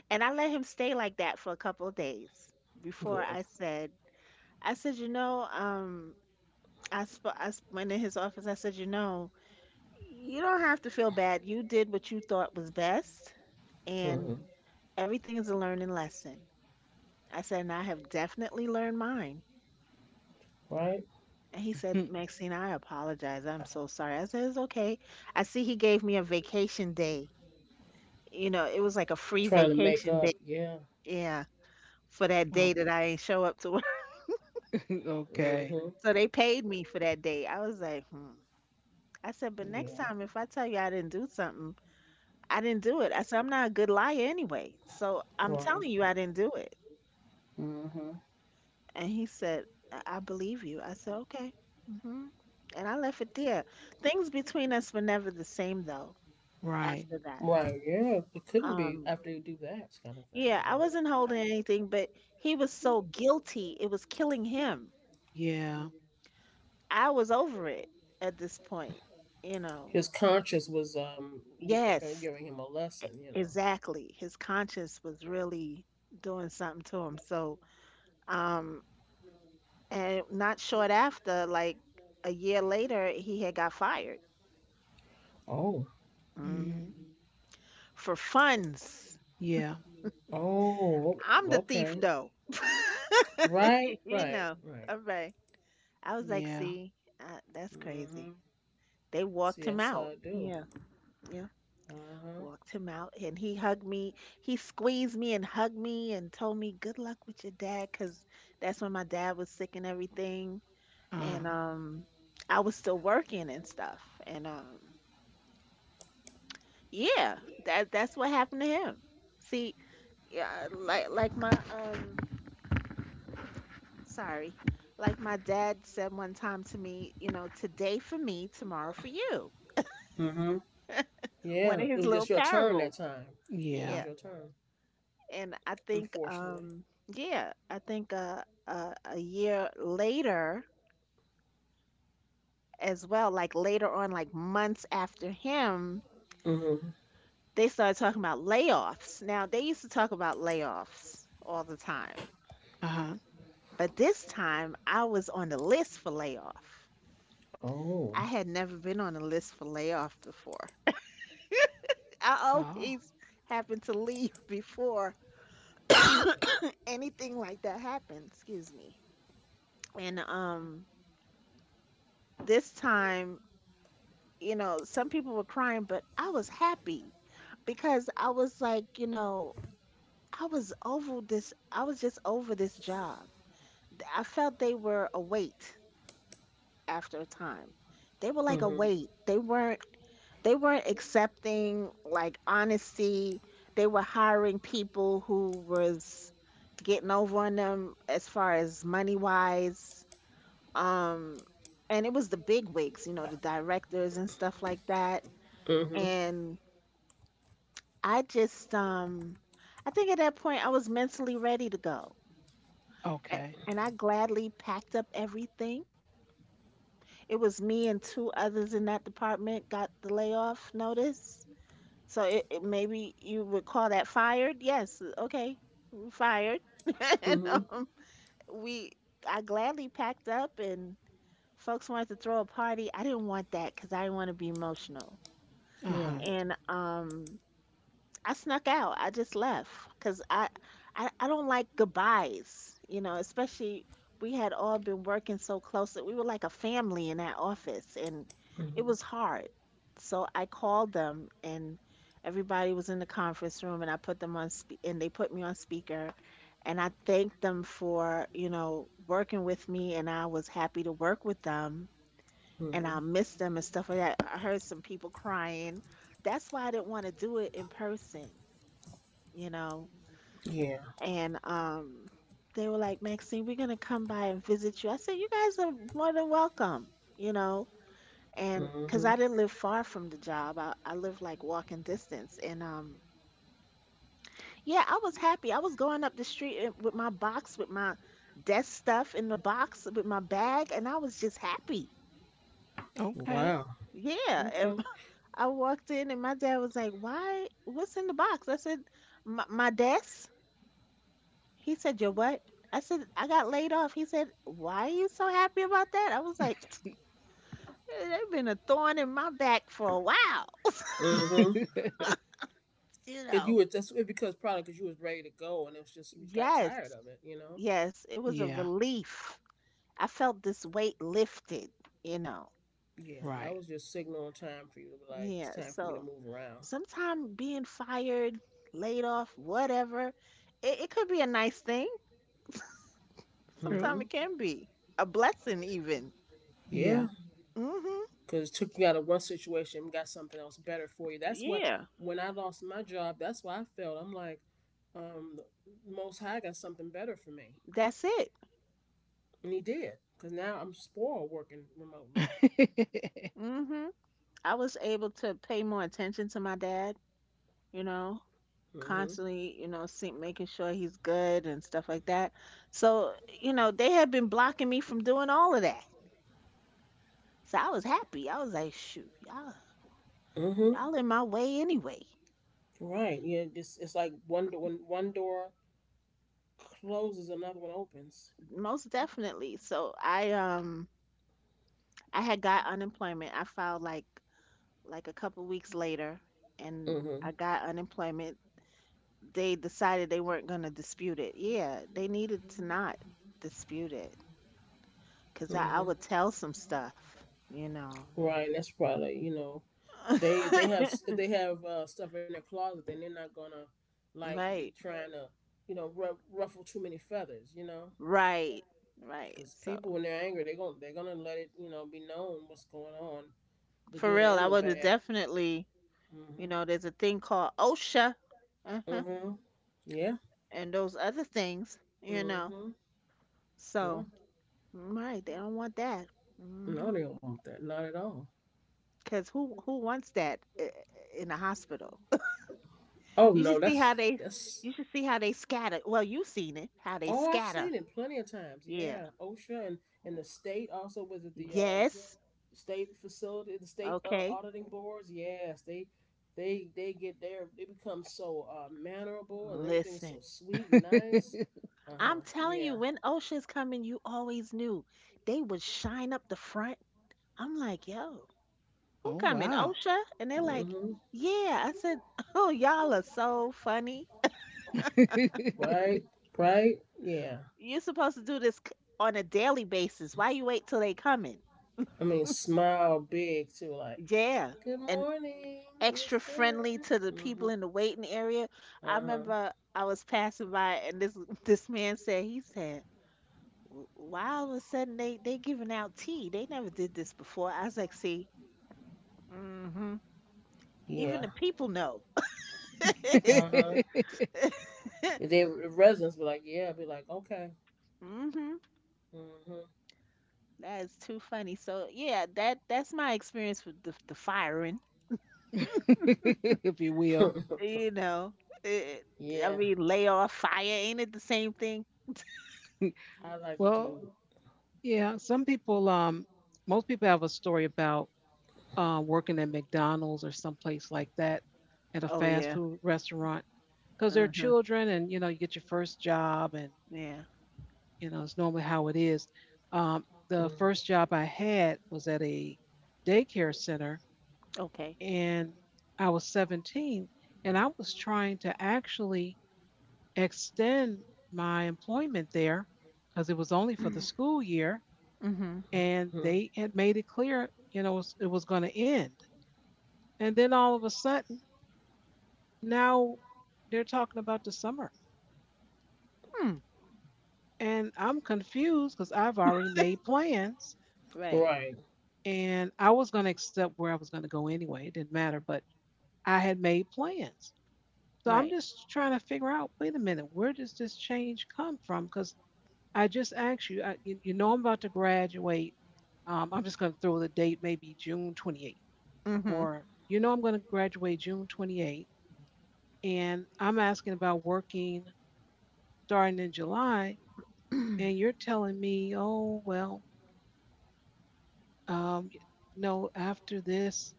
[SPEAKER 3] and I let him stay like that for a couple of days before
[SPEAKER 2] Good.
[SPEAKER 3] I said, you know, went in his office. I said, you know, you don't have to feel bad. You did what you thought was best, and
[SPEAKER 2] Hmm.
[SPEAKER 3] everything is a learning lesson. I said, and I have definitely learned mine.
[SPEAKER 2] Right?
[SPEAKER 3] And he said, Maxine, I apologize. I'm so sorry. I said, it's okay. I see he gave me a vacation day. You know, it was like a free
[SPEAKER 2] Trying to make
[SPEAKER 3] vacation day.
[SPEAKER 2] up. Yeah.
[SPEAKER 3] Yeah. For that day
[SPEAKER 1] Okay.
[SPEAKER 3] that I ain't show up to work.
[SPEAKER 2] Mm
[SPEAKER 1] Okay.
[SPEAKER 2] hmm.
[SPEAKER 3] So they paid me for that day. I was like, hmm. I said, but next
[SPEAKER 2] Yeah.
[SPEAKER 3] time if I tell you I didn't do something, I didn't do it. I said, I'm not a good liar anyway. So I'm
[SPEAKER 2] Right.
[SPEAKER 3] telling you I didn't do it.
[SPEAKER 2] Mm hmm.
[SPEAKER 3] And he said, I believe you. I said, okay. Hmm. And I left it there. Things between us were never the same though
[SPEAKER 1] Right.
[SPEAKER 3] after that.
[SPEAKER 2] Right. Yeah. It couldn't be
[SPEAKER 3] Um,
[SPEAKER 2] after you do that kind of thing,
[SPEAKER 3] yeah,
[SPEAKER 2] you
[SPEAKER 3] I
[SPEAKER 2] know.
[SPEAKER 3] wasn't holding anything, but he was so guilty. It was killing him.
[SPEAKER 1] Yeah.
[SPEAKER 3] I was over it at this point, you know.
[SPEAKER 2] His conscience was
[SPEAKER 3] Yes,
[SPEAKER 2] giving him a
[SPEAKER 3] e-
[SPEAKER 2] lesson.
[SPEAKER 3] exactly. His conscience was really doing something to him. So, um, and not short after, like a year later, he had got fired.
[SPEAKER 2] Oh.
[SPEAKER 1] Mm.
[SPEAKER 3] Mhm. For funds.
[SPEAKER 1] Yeah.
[SPEAKER 2] Oh.
[SPEAKER 3] I'm the thief,
[SPEAKER 2] Okay.
[SPEAKER 3] though.
[SPEAKER 2] Right.
[SPEAKER 3] You
[SPEAKER 2] Right.
[SPEAKER 3] know,
[SPEAKER 2] Right.
[SPEAKER 3] all right. I was like,
[SPEAKER 1] Yeah.
[SPEAKER 3] see, that's
[SPEAKER 2] Mm
[SPEAKER 3] crazy.
[SPEAKER 2] hmm.
[SPEAKER 3] They walked
[SPEAKER 2] See,
[SPEAKER 3] him
[SPEAKER 2] that's how
[SPEAKER 3] out.
[SPEAKER 2] I do.
[SPEAKER 3] Yeah, yeah.
[SPEAKER 2] Uh
[SPEAKER 3] Walked him out, and he hugged me. He squeezed me and hugged me and told me good luck with your dad, 'cause that's when my dad was sick and everything,
[SPEAKER 1] Uh-huh.
[SPEAKER 3] and
[SPEAKER 2] huh.
[SPEAKER 3] I was still working and stuff, and yeah, that's what happened to him. See, yeah, my sorry. Like my dad said one time to me, you know, today for me, tomorrow for you.
[SPEAKER 2] Mm-hmm.
[SPEAKER 3] One
[SPEAKER 2] Yeah,
[SPEAKER 3] of
[SPEAKER 2] it
[SPEAKER 3] his
[SPEAKER 2] was
[SPEAKER 3] little
[SPEAKER 2] just your turn that
[SPEAKER 3] parables.
[SPEAKER 2] time. It was
[SPEAKER 1] Yeah.
[SPEAKER 3] Yeah.
[SPEAKER 2] your turn,
[SPEAKER 3] And I think
[SPEAKER 2] unfortunately.
[SPEAKER 3] yeah, I think a year later as well, like later on, like months after him,
[SPEAKER 2] Mm-hmm.
[SPEAKER 3] they started talking about layoffs. Now they used to talk about layoffs all the time,
[SPEAKER 1] Uh-huh.
[SPEAKER 3] but this time I was on the list for layoff.
[SPEAKER 2] Oh.
[SPEAKER 3] I had never been on a list for layoff before. I
[SPEAKER 1] Oh,
[SPEAKER 3] always happen to leave before anything like that happened. Excuse me. And this time, some people were crying, but I was happy because I was like, I was over this. I was just over this job. I felt they were a weight after a time. They were like a
[SPEAKER 2] Mm-hmm.
[SPEAKER 3] weight. They weren't accepting like honesty. They were hiring people who was getting over on them as far as money wise. Um, and it was the big wigs, you know, the directors and stuff like that.
[SPEAKER 2] Mm-hmm.
[SPEAKER 3] And I just um I think at that point I was mentally ready to go. A-
[SPEAKER 1] okay.
[SPEAKER 3] And I gladly packed up everything. It was me and two others in that department got the layoff notice. So it maybe you would call that fired. Yes, okay. We fired. And
[SPEAKER 2] Mm-hmm.
[SPEAKER 3] we I gladly packed up, and folks wanted to throw a party. I didn't want that because I didn't want to be emotional.
[SPEAKER 2] Right.
[SPEAKER 1] Uh-huh.
[SPEAKER 3] And I snuck out. I just left because I don't like goodbyes. You know, especially we had all been working so close that we were like a family in that office, and it
[SPEAKER 2] Mm-hmm.
[SPEAKER 3] was hard. So I called them, and everybody was in the conference room, and I put them on spe- and they put me on speaker, and I thanked them for working with me, and I was happy to work with them. And
[SPEAKER 2] Mm-hmm.
[SPEAKER 3] I missed them and stuff like that. I heard some people crying. That's why I didn't want to do it in person you know.
[SPEAKER 2] Yeah.
[SPEAKER 3] And they were like, "Maxine, we're gonna come by and visit you." I said, "You guys are more than welcome, you know. And because
[SPEAKER 2] Mm-hmm.
[SPEAKER 3] I didn't live far from the job, I lived like walking distance. And yeah, I was happy. I was going up the street with my box, with my desk stuff in the box, with my bag, and I was just happy.
[SPEAKER 1] Okay.
[SPEAKER 2] Wow.
[SPEAKER 3] Yeah,
[SPEAKER 2] Okay.
[SPEAKER 3] and I walked in, and my dad was like, "Why? What's in the box?" I said, "My desk." He said, "Your what?" I said, "I got laid off." He said, "Why are you so happy about that?" I was like, They've been a thorn in my back for a while."
[SPEAKER 2] Mm-hmm.
[SPEAKER 3] You
[SPEAKER 2] If you
[SPEAKER 3] know,
[SPEAKER 2] were, that's it, because probably because you was ready to go and it was just you just got tired
[SPEAKER 3] yes,
[SPEAKER 2] of it.
[SPEAKER 3] yes, it was a
[SPEAKER 1] Yeah.
[SPEAKER 3] relief. I felt this weight lifted, you know.
[SPEAKER 2] Yeah, that
[SPEAKER 1] Right.
[SPEAKER 2] was just signaling time for you to be like it's
[SPEAKER 3] Yeah,
[SPEAKER 2] time for me to
[SPEAKER 3] so
[SPEAKER 2] move around.
[SPEAKER 3] sometimes being fired, laid off, whatever, it could be a nice thing.
[SPEAKER 1] True.
[SPEAKER 3] Sometimes
[SPEAKER 2] Mm-hmm.
[SPEAKER 3] it can be a blessing, even.
[SPEAKER 2] Yeah.
[SPEAKER 1] Yeah.
[SPEAKER 3] Hmm.
[SPEAKER 2] Because it took you out of one situation and got something else better for you. That's what
[SPEAKER 3] Yeah,
[SPEAKER 2] when I lost my job, that's what I felt. I'm like, the Most High got something better for me,
[SPEAKER 3] that's it.
[SPEAKER 2] and He did. Because now I'm spoiled working remotely.
[SPEAKER 3] hmm I was able to pay more attention to my dad, you know,
[SPEAKER 2] Mm-hmm.
[SPEAKER 3] constantly, see, making sure he's good and stuff like that. So, they had been blocking me from doing all of that. So I was happy. I was like, "Shoot, y'all,
[SPEAKER 2] Mm-hmm.
[SPEAKER 3] y'all in my way anyway,
[SPEAKER 2] Right. Yeah. It's like one door when one door closes, another one opens.
[SPEAKER 3] most definitely." So I had got unemployment. I filed like a couple weeks later, and
[SPEAKER 2] Mm-hmm.
[SPEAKER 3] I got unemployment. They decided they weren't gonna dispute it. Yeah, they needed to not dispute it. Cause I would
[SPEAKER 2] Mm-hmm.
[SPEAKER 3] tell some stuff, you know.
[SPEAKER 2] Right. That's probably, they have stuff in their closet, and they're not gonna like be
[SPEAKER 3] Right,
[SPEAKER 2] trying to ruffle too many feathers,
[SPEAKER 3] right, right.
[SPEAKER 2] because
[SPEAKER 3] So
[SPEAKER 2] people when they're angry they're gonna let it be known what's going on, the
[SPEAKER 3] for
[SPEAKER 2] good
[SPEAKER 3] real,
[SPEAKER 2] and
[SPEAKER 3] I
[SPEAKER 2] the
[SPEAKER 3] would have
[SPEAKER 2] bad.
[SPEAKER 3] definitely,
[SPEAKER 2] Mhm.
[SPEAKER 3] there's a thing called OSHA, uh-huh,
[SPEAKER 2] Mhm. Yeah.
[SPEAKER 3] and those other things.
[SPEAKER 2] Mhm. Yeah.
[SPEAKER 3] So right, they don't want that. Mm-hmm.
[SPEAKER 2] No, they don't want that. Not at all.
[SPEAKER 3] Cause who wants that in a hospital?
[SPEAKER 2] Oh
[SPEAKER 3] You
[SPEAKER 2] no,
[SPEAKER 3] should see
[SPEAKER 2] that's
[SPEAKER 3] how they,
[SPEAKER 2] that's.
[SPEAKER 3] you should see how they scatter. Well, you've seen it, how they
[SPEAKER 2] Oh, I've
[SPEAKER 3] scatter.
[SPEAKER 2] seen it plenty of times.
[SPEAKER 3] Yeah.
[SPEAKER 2] Yeah, OSHA and the state also, was it the,
[SPEAKER 3] Yes.
[SPEAKER 2] the state facility, the state,
[SPEAKER 3] Okay.
[SPEAKER 2] auditing boards, yes, they get there. They become so mannerable, and everything's so
[SPEAKER 3] Listen.
[SPEAKER 2] sweet and nice. Uh
[SPEAKER 3] I'm
[SPEAKER 2] huh.
[SPEAKER 3] telling you,
[SPEAKER 2] Yeah.
[SPEAKER 3] when Ocean's coming, you always knew they would shine up the front. I'm like, "Yo, who
[SPEAKER 1] Oh,
[SPEAKER 3] coming,
[SPEAKER 1] wow.
[SPEAKER 3] Osha?" And they're like,
[SPEAKER 2] Mhm.
[SPEAKER 3] "Yeah." I said, "Oh, y'all are so funny.
[SPEAKER 2] Right. Right. Yeah.
[SPEAKER 3] You're supposed to do this on a daily basis. Why you wait till they coming?"
[SPEAKER 2] I mean, smile big too. Like,
[SPEAKER 3] Yeah,
[SPEAKER 2] good
[SPEAKER 3] and
[SPEAKER 2] morning, this
[SPEAKER 3] extra friendly
[SPEAKER 2] time.
[SPEAKER 3] to the people in the waiting area.
[SPEAKER 2] Mhm.
[SPEAKER 3] I
[SPEAKER 2] Uh huh.
[SPEAKER 3] remember I was passing by, and this this man said, he said, Why all of a sudden they giving out tea? They never did this before." I was like, see. hmm Even
[SPEAKER 2] Yeah.
[SPEAKER 3] the people know.
[SPEAKER 2] Uh huh. The residents be like, yeah. Be like, okay.
[SPEAKER 3] hmm
[SPEAKER 2] Mhm.
[SPEAKER 3] That is too funny. So yeah, that's my experience with the firing.
[SPEAKER 1] If you will.
[SPEAKER 3] You know, it, I
[SPEAKER 2] Yeah.
[SPEAKER 3] mean, layoff, fire, ain't it the same thing?
[SPEAKER 2] I like to
[SPEAKER 1] Well,
[SPEAKER 2] do.
[SPEAKER 1] yeah, some people most people have a story about working at McDonald's or someplace like that, at a
[SPEAKER 3] Oh
[SPEAKER 1] fast
[SPEAKER 3] yeah.
[SPEAKER 1] food restaurant, because they're
[SPEAKER 3] Uh-huh.
[SPEAKER 1] children and you know you get your first job and
[SPEAKER 3] Yeah.
[SPEAKER 1] you know it's normally how it is. The first job I had was at a daycare center,
[SPEAKER 3] Okay.
[SPEAKER 1] and I was 17, and I was trying to actually extend my employment there because it was only for the school year,
[SPEAKER 3] Mm-hmm.
[SPEAKER 1] and
[SPEAKER 2] Mhm.
[SPEAKER 1] they had made it clear, you know, it was going to end. And then all of a sudden now they're talking about the summer.
[SPEAKER 3] Mm.
[SPEAKER 1] And I'm confused because I've already made plans,
[SPEAKER 3] Right.
[SPEAKER 2] Right.
[SPEAKER 1] and I was going to accept where I was going to go anyway. It didn't matter, but I had made plans. So I'm
[SPEAKER 3] Right.
[SPEAKER 1] just trying to figure out, wait a minute, where does this change come from? Because I just asked you, you know, I'm about to graduate. I'm just going to throw the date, maybe June 28th,
[SPEAKER 3] Mm-hmm.
[SPEAKER 1] or you know, I'm going to graduate June 28th. And I'm asking about working starting in July, and you're telling me, oh, well, um, no, after this,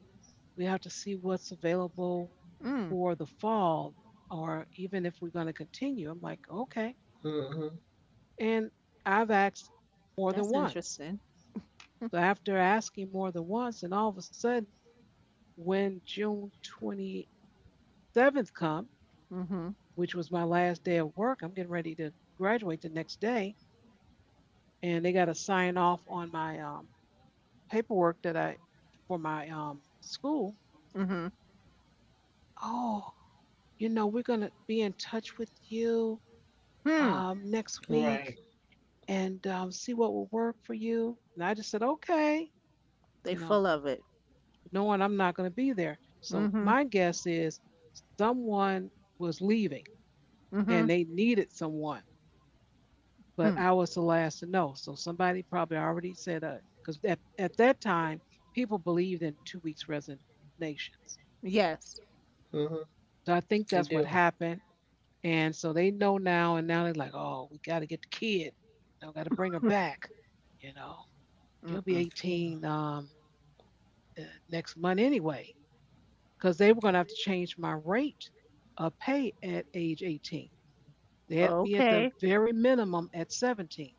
[SPEAKER 1] we have to see what's available
[SPEAKER 3] Mm.
[SPEAKER 1] for the fall, or even if we're going to continue. I'm like, okay.
[SPEAKER 2] Mhm.
[SPEAKER 1] And I've asked more than
[SPEAKER 3] That's
[SPEAKER 1] once.
[SPEAKER 3] interesting.
[SPEAKER 1] So after asking more than once, and all of a sudden, when June 27th come,
[SPEAKER 3] Mm-hmm.
[SPEAKER 1] which was my last day of work, I'm getting ready to graduate the next day, and they got to sign off on my paperwork that I for my school.
[SPEAKER 3] Mm-hmm.
[SPEAKER 1] Oh, you know, we're going to be in touch with you
[SPEAKER 3] Hmm.
[SPEAKER 1] next week
[SPEAKER 2] Right.
[SPEAKER 1] and see what will work for you. And I just said, okay,
[SPEAKER 3] They
[SPEAKER 1] you know,
[SPEAKER 3] full of it.
[SPEAKER 1] knowing I'm not going to be there. So
[SPEAKER 3] Mm-hmm.
[SPEAKER 1] my guess is someone was leaving
[SPEAKER 3] Mm-hmm.
[SPEAKER 1] and they needed someone, but
[SPEAKER 3] Hmm.
[SPEAKER 1] I was the last to know. So somebody probably already said, because at that time, people believed in 2 weeks resignations.
[SPEAKER 3] Yes.
[SPEAKER 2] Mm-hmm.
[SPEAKER 1] So I think
[SPEAKER 2] You
[SPEAKER 1] that's what
[SPEAKER 2] do.
[SPEAKER 1] happened. And so they know now, and now they're like, oh, we got to get the kid. You know, got to bring her back. You know, she'll be
[SPEAKER 3] Mm-mm.
[SPEAKER 2] Yeah.
[SPEAKER 1] 18 uh, next month anyway, because they were going to have to change my rate of pay at age 18. They had me at the
[SPEAKER 3] Okay.
[SPEAKER 1] very minimum at 17.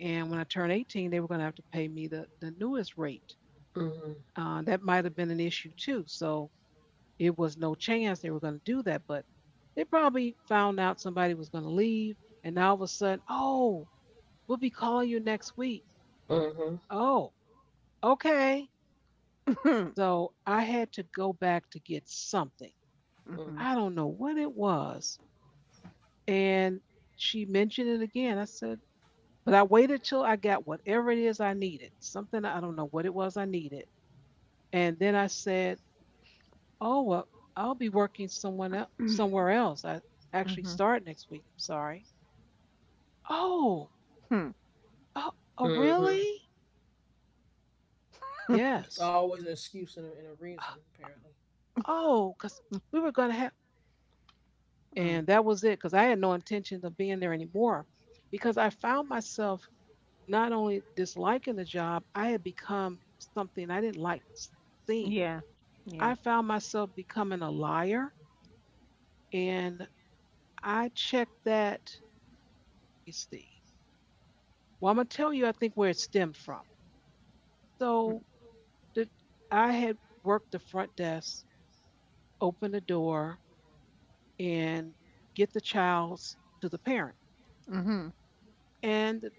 [SPEAKER 1] And when I turned 18, they were going to have to pay me the newest rate.
[SPEAKER 2] Mm-hmm.
[SPEAKER 1] That might have been an issue too. So it was no chance they were going to do that. But they probably found out somebody was going to leave. And now all of a sudden, oh, we'll be calling you next week.
[SPEAKER 2] Mm-hmm.
[SPEAKER 1] Oh, okay. So I had to go back to get something.
[SPEAKER 3] Mm-hmm.
[SPEAKER 1] I don't know what it was. And she mentioned it again. I said, but I waited till I got whatever it is I needed, something, I don't know what it was I needed. And then I said, oh, well, I'll be working someone else,
[SPEAKER 3] Mm.
[SPEAKER 1] somewhere else. I actually
[SPEAKER 3] Mhm.
[SPEAKER 1] start next week. I'm sorry. Oh,
[SPEAKER 3] Hmm.
[SPEAKER 1] oh, oh
[SPEAKER 2] Mm-hmm.
[SPEAKER 1] really?
[SPEAKER 2] It's
[SPEAKER 1] Yes.
[SPEAKER 2] always an excuse and a reason, apparently.
[SPEAKER 1] Oh, because we were going to have.
[SPEAKER 3] Mm.
[SPEAKER 1] And that was it, because I had no intention of being there anymore, because I found myself not only disliking the job, I had become something I didn't like seeing.
[SPEAKER 3] Yeah. Yeah.
[SPEAKER 1] I found myself becoming a liar, and I checked that. Let me see. Well, I'm going to tell you, I think, where it stemmed from.
[SPEAKER 3] Mm.
[SPEAKER 1] So the, I had worked the front desk, open the door, and get the child to the parent.
[SPEAKER 3] Mhm.
[SPEAKER 1] And the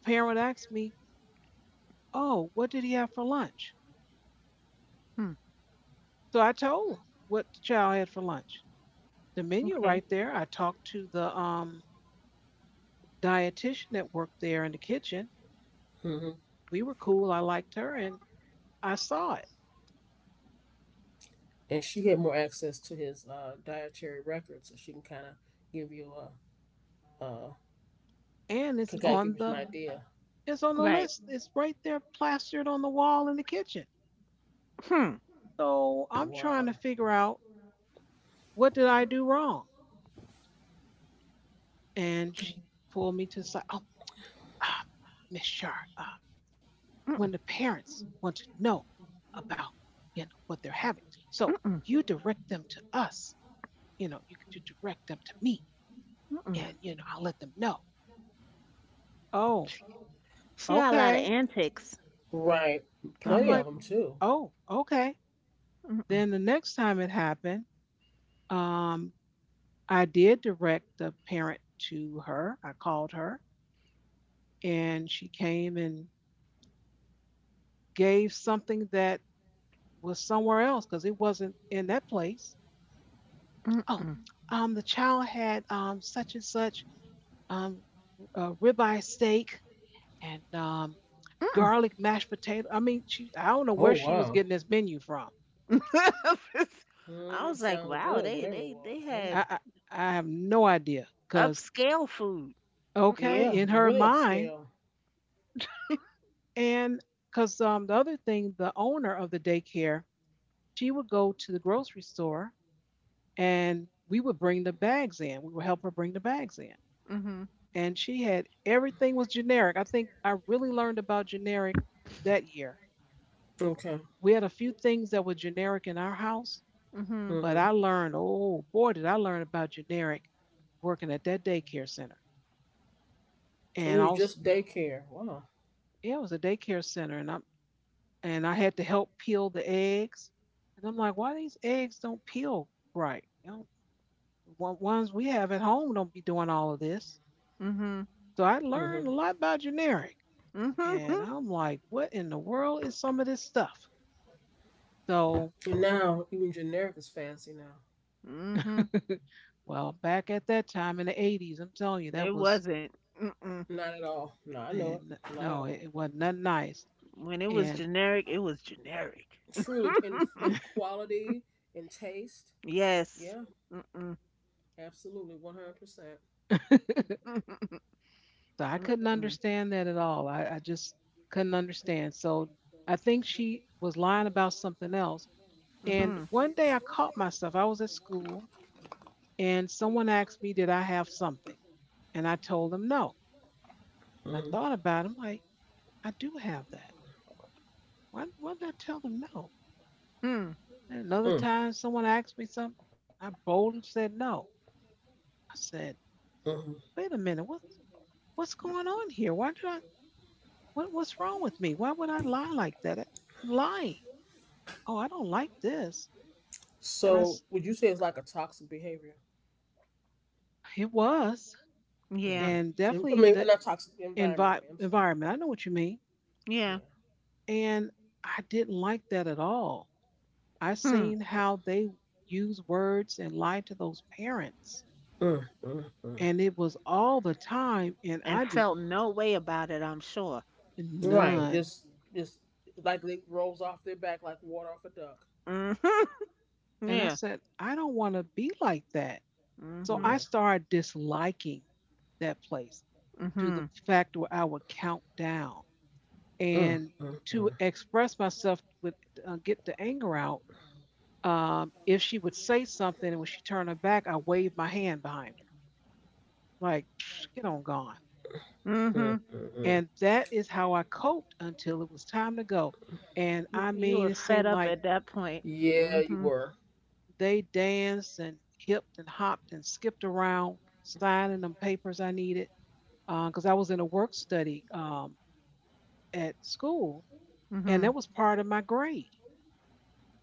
[SPEAKER 1] parent would ask me, oh, what did he have for lunch?
[SPEAKER 3] Hmm.
[SPEAKER 1] So I told what the child had for lunch. The menu
[SPEAKER 3] Okay.
[SPEAKER 1] right there. I talked to the dietitian that worked there in the kitchen.
[SPEAKER 2] Mm-hmm.
[SPEAKER 1] We were cool. I liked her, and I saw it.
[SPEAKER 2] And she had more access to his dietary records, so she can kind of give you a, uh,
[SPEAKER 1] And it's
[SPEAKER 2] can kind of give
[SPEAKER 1] on
[SPEAKER 2] you some
[SPEAKER 1] the
[SPEAKER 2] idea.
[SPEAKER 1] it's on the
[SPEAKER 3] Right.
[SPEAKER 1] list. It's right there, plastered on the wall in the kitchen.
[SPEAKER 3] Hmm.
[SPEAKER 1] So I'm trying
[SPEAKER 2] Wow.
[SPEAKER 1] to figure out, what did I do wrong. And she pulled me to the side. Oh, ah, Miss Shar, when
[SPEAKER 3] Mm-mm.
[SPEAKER 1] the parents want to know about, what they're having, so
[SPEAKER 3] Mm-mm.
[SPEAKER 1] you direct them to us, you could direct them to me
[SPEAKER 3] Mm-mm.
[SPEAKER 1] and, I'll let them know. Oh,
[SPEAKER 3] She got a lot of
[SPEAKER 1] okay.
[SPEAKER 3] antics.
[SPEAKER 2] Right.
[SPEAKER 1] So I'm
[SPEAKER 2] Plenty
[SPEAKER 3] Mm.
[SPEAKER 2] of
[SPEAKER 1] like,
[SPEAKER 2] them too.
[SPEAKER 1] oh, okay.
[SPEAKER 3] Mm-mm.
[SPEAKER 1] Then the next time it happened, um, I did direct the parent to her. I called her and she came and gave something that was somewhere else, because it wasn't in that place. Oh,
[SPEAKER 3] Mm-mm.
[SPEAKER 1] the child had such and such, um, ribeye steak and
[SPEAKER 3] Mm-mm.
[SPEAKER 1] garlic mashed potato. I mean, she I don't know
[SPEAKER 2] Oh
[SPEAKER 1] where she was
[SPEAKER 2] wow.
[SPEAKER 1] getting this menu from.
[SPEAKER 3] I
[SPEAKER 2] Hmm.
[SPEAKER 3] was like,
[SPEAKER 2] Sounds
[SPEAKER 3] wow,
[SPEAKER 2] good.
[SPEAKER 3] they
[SPEAKER 2] Whatever it
[SPEAKER 3] they they
[SPEAKER 2] was. Yeah.
[SPEAKER 1] I
[SPEAKER 3] had
[SPEAKER 1] I, I have no idea. Cause
[SPEAKER 3] upscale food.
[SPEAKER 1] okay,
[SPEAKER 3] Mm-mm.
[SPEAKER 2] Yeah.
[SPEAKER 1] in her
[SPEAKER 2] Really
[SPEAKER 1] mind,
[SPEAKER 2] upscale.
[SPEAKER 1] and cause the other thing, the owner of the daycare, she would go to the grocery store and we would bring the bags in. We would help her bring the bags in.
[SPEAKER 3] Mhm.
[SPEAKER 1] And she had everything was generic. I think I really learned about generic that year.
[SPEAKER 2] Okay.
[SPEAKER 1] We had a few things that were generic in our house.
[SPEAKER 3] Mhm.
[SPEAKER 1] But
[SPEAKER 2] Mm-hmm.
[SPEAKER 1] I learned, oh boy, did I learn about generic working at that daycare center.
[SPEAKER 2] It
[SPEAKER 1] And
[SPEAKER 2] was
[SPEAKER 1] also,
[SPEAKER 2] just daycare. Wow.
[SPEAKER 1] yeah, it was a daycare center, and I had to help peel the eggs. And I'm like, why these eggs don't peel right? You know, ones we have at home don't be doing all of this.
[SPEAKER 3] Mhm.
[SPEAKER 1] So I learned
[SPEAKER 2] Mm-hmm.
[SPEAKER 1] a lot about generic, and
[SPEAKER 3] Mhm.
[SPEAKER 1] I'm like, what in the world is some of this stuff? So,
[SPEAKER 2] And now even generic is fancy now.
[SPEAKER 3] Mhm.
[SPEAKER 1] well, back at that time in the 80s, I'm telling you
[SPEAKER 3] It
[SPEAKER 1] that was,
[SPEAKER 3] wasn't. Mm-mm.
[SPEAKER 2] Not at all. No, I know it.
[SPEAKER 1] and
[SPEAKER 2] Not at
[SPEAKER 1] no, it,
[SPEAKER 2] all.
[SPEAKER 1] it wasn't nothing nice.
[SPEAKER 3] When it was
[SPEAKER 1] And
[SPEAKER 3] generic, it was generic.
[SPEAKER 2] Truly, in quality, in taste.
[SPEAKER 3] Yes.
[SPEAKER 2] Yeah,
[SPEAKER 3] Mm.
[SPEAKER 2] absolutely, 100%.
[SPEAKER 3] Mm-mm.
[SPEAKER 1] so I couldn't understand that at all. I just couldn't understand. So I think she was lying about something else. And
[SPEAKER 3] Mhm.
[SPEAKER 1] one day I caught myself. I was at school and someone asked me, did I have something? And I told them no. And I thought about it. I'm like, I do have that. Why did I tell them no?
[SPEAKER 3] Hmm.
[SPEAKER 1] And another time someone asked me something, I boldly said no. I said, wait a minute, what's going on here? Why did I what what's wrong with me? Why would I lie like that? I'm lying. Oh, I don't like this. And
[SPEAKER 2] So, would you say it's like a toxic behavior?
[SPEAKER 1] it was,
[SPEAKER 3] Yeah.
[SPEAKER 1] and
[SPEAKER 2] I
[SPEAKER 1] definitely
[SPEAKER 2] mean,
[SPEAKER 1] the
[SPEAKER 2] not toxic environment. I
[SPEAKER 1] envi-
[SPEAKER 2] mean, I'm sorry.
[SPEAKER 1] environment. I know what you mean.
[SPEAKER 3] Yeah.
[SPEAKER 2] Yeah.
[SPEAKER 1] And I didn't like that at all. I
[SPEAKER 3] Hmm.
[SPEAKER 1] seen how they use words and lie to those parents.
[SPEAKER 2] Mm.
[SPEAKER 1] And it was all the time. And
[SPEAKER 3] And
[SPEAKER 1] I just,
[SPEAKER 3] felt no way about it, I'm sure.
[SPEAKER 2] Right.
[SPEAKER 1] none.
[SPEAKER 2] Just like it rolls off their back like water off a duck.
[SPEAKER 3] Mhm.
[SPEAKER 1] And I
[SPEAKER 3] Yeah.
[SPEAKER 1] said, I don't want to be like that. So
[SPEAKER 3] Mhm.
[SPEAKER 1] I
[SPEAKER 2] Yeah.
[SPEAKER 1] started disliking that place to the
[SPEAKER 3] Mhm.
[SPEAKER 1] fact where I would count down,
[SPEAKER 2] Mm,
[SPEAKER 1] and to express myself with, get the anger out, if she would say something and when she turned her back I waved my hand behind her like, get on gone.
[SPEAKER 2] mm,
[SPEAKER 3] Mhm.
[SPEAKER 2] mm, mm.
[SPEAKER 1] And that is how I coped until it was time to go. And
[SPEAKER 3] You
[SPEAKER 1] I
[SPEAKER 3] you
[SPEAKER 1] mean,
[SPEAKER 3] were
[SPEAKER 1] it
[SPEAKER 3] fed
[SPEAKER 1] seemed
[SPEAKER 3] up
[SPEAKER 1] like
[SPEAKER 3] at that point.
[SPEAKER 2] Yeah, you
[SPEAKER 3] Mhm.
[SPEAKER 2] were.
[SPEAKER 1] they danced and hipped and hopped and skipped around signing them papers I needed, because I was in a work study at school, and
[SPEAKER 3] Mhm.
[SPEAKER 1] that was part of my grade.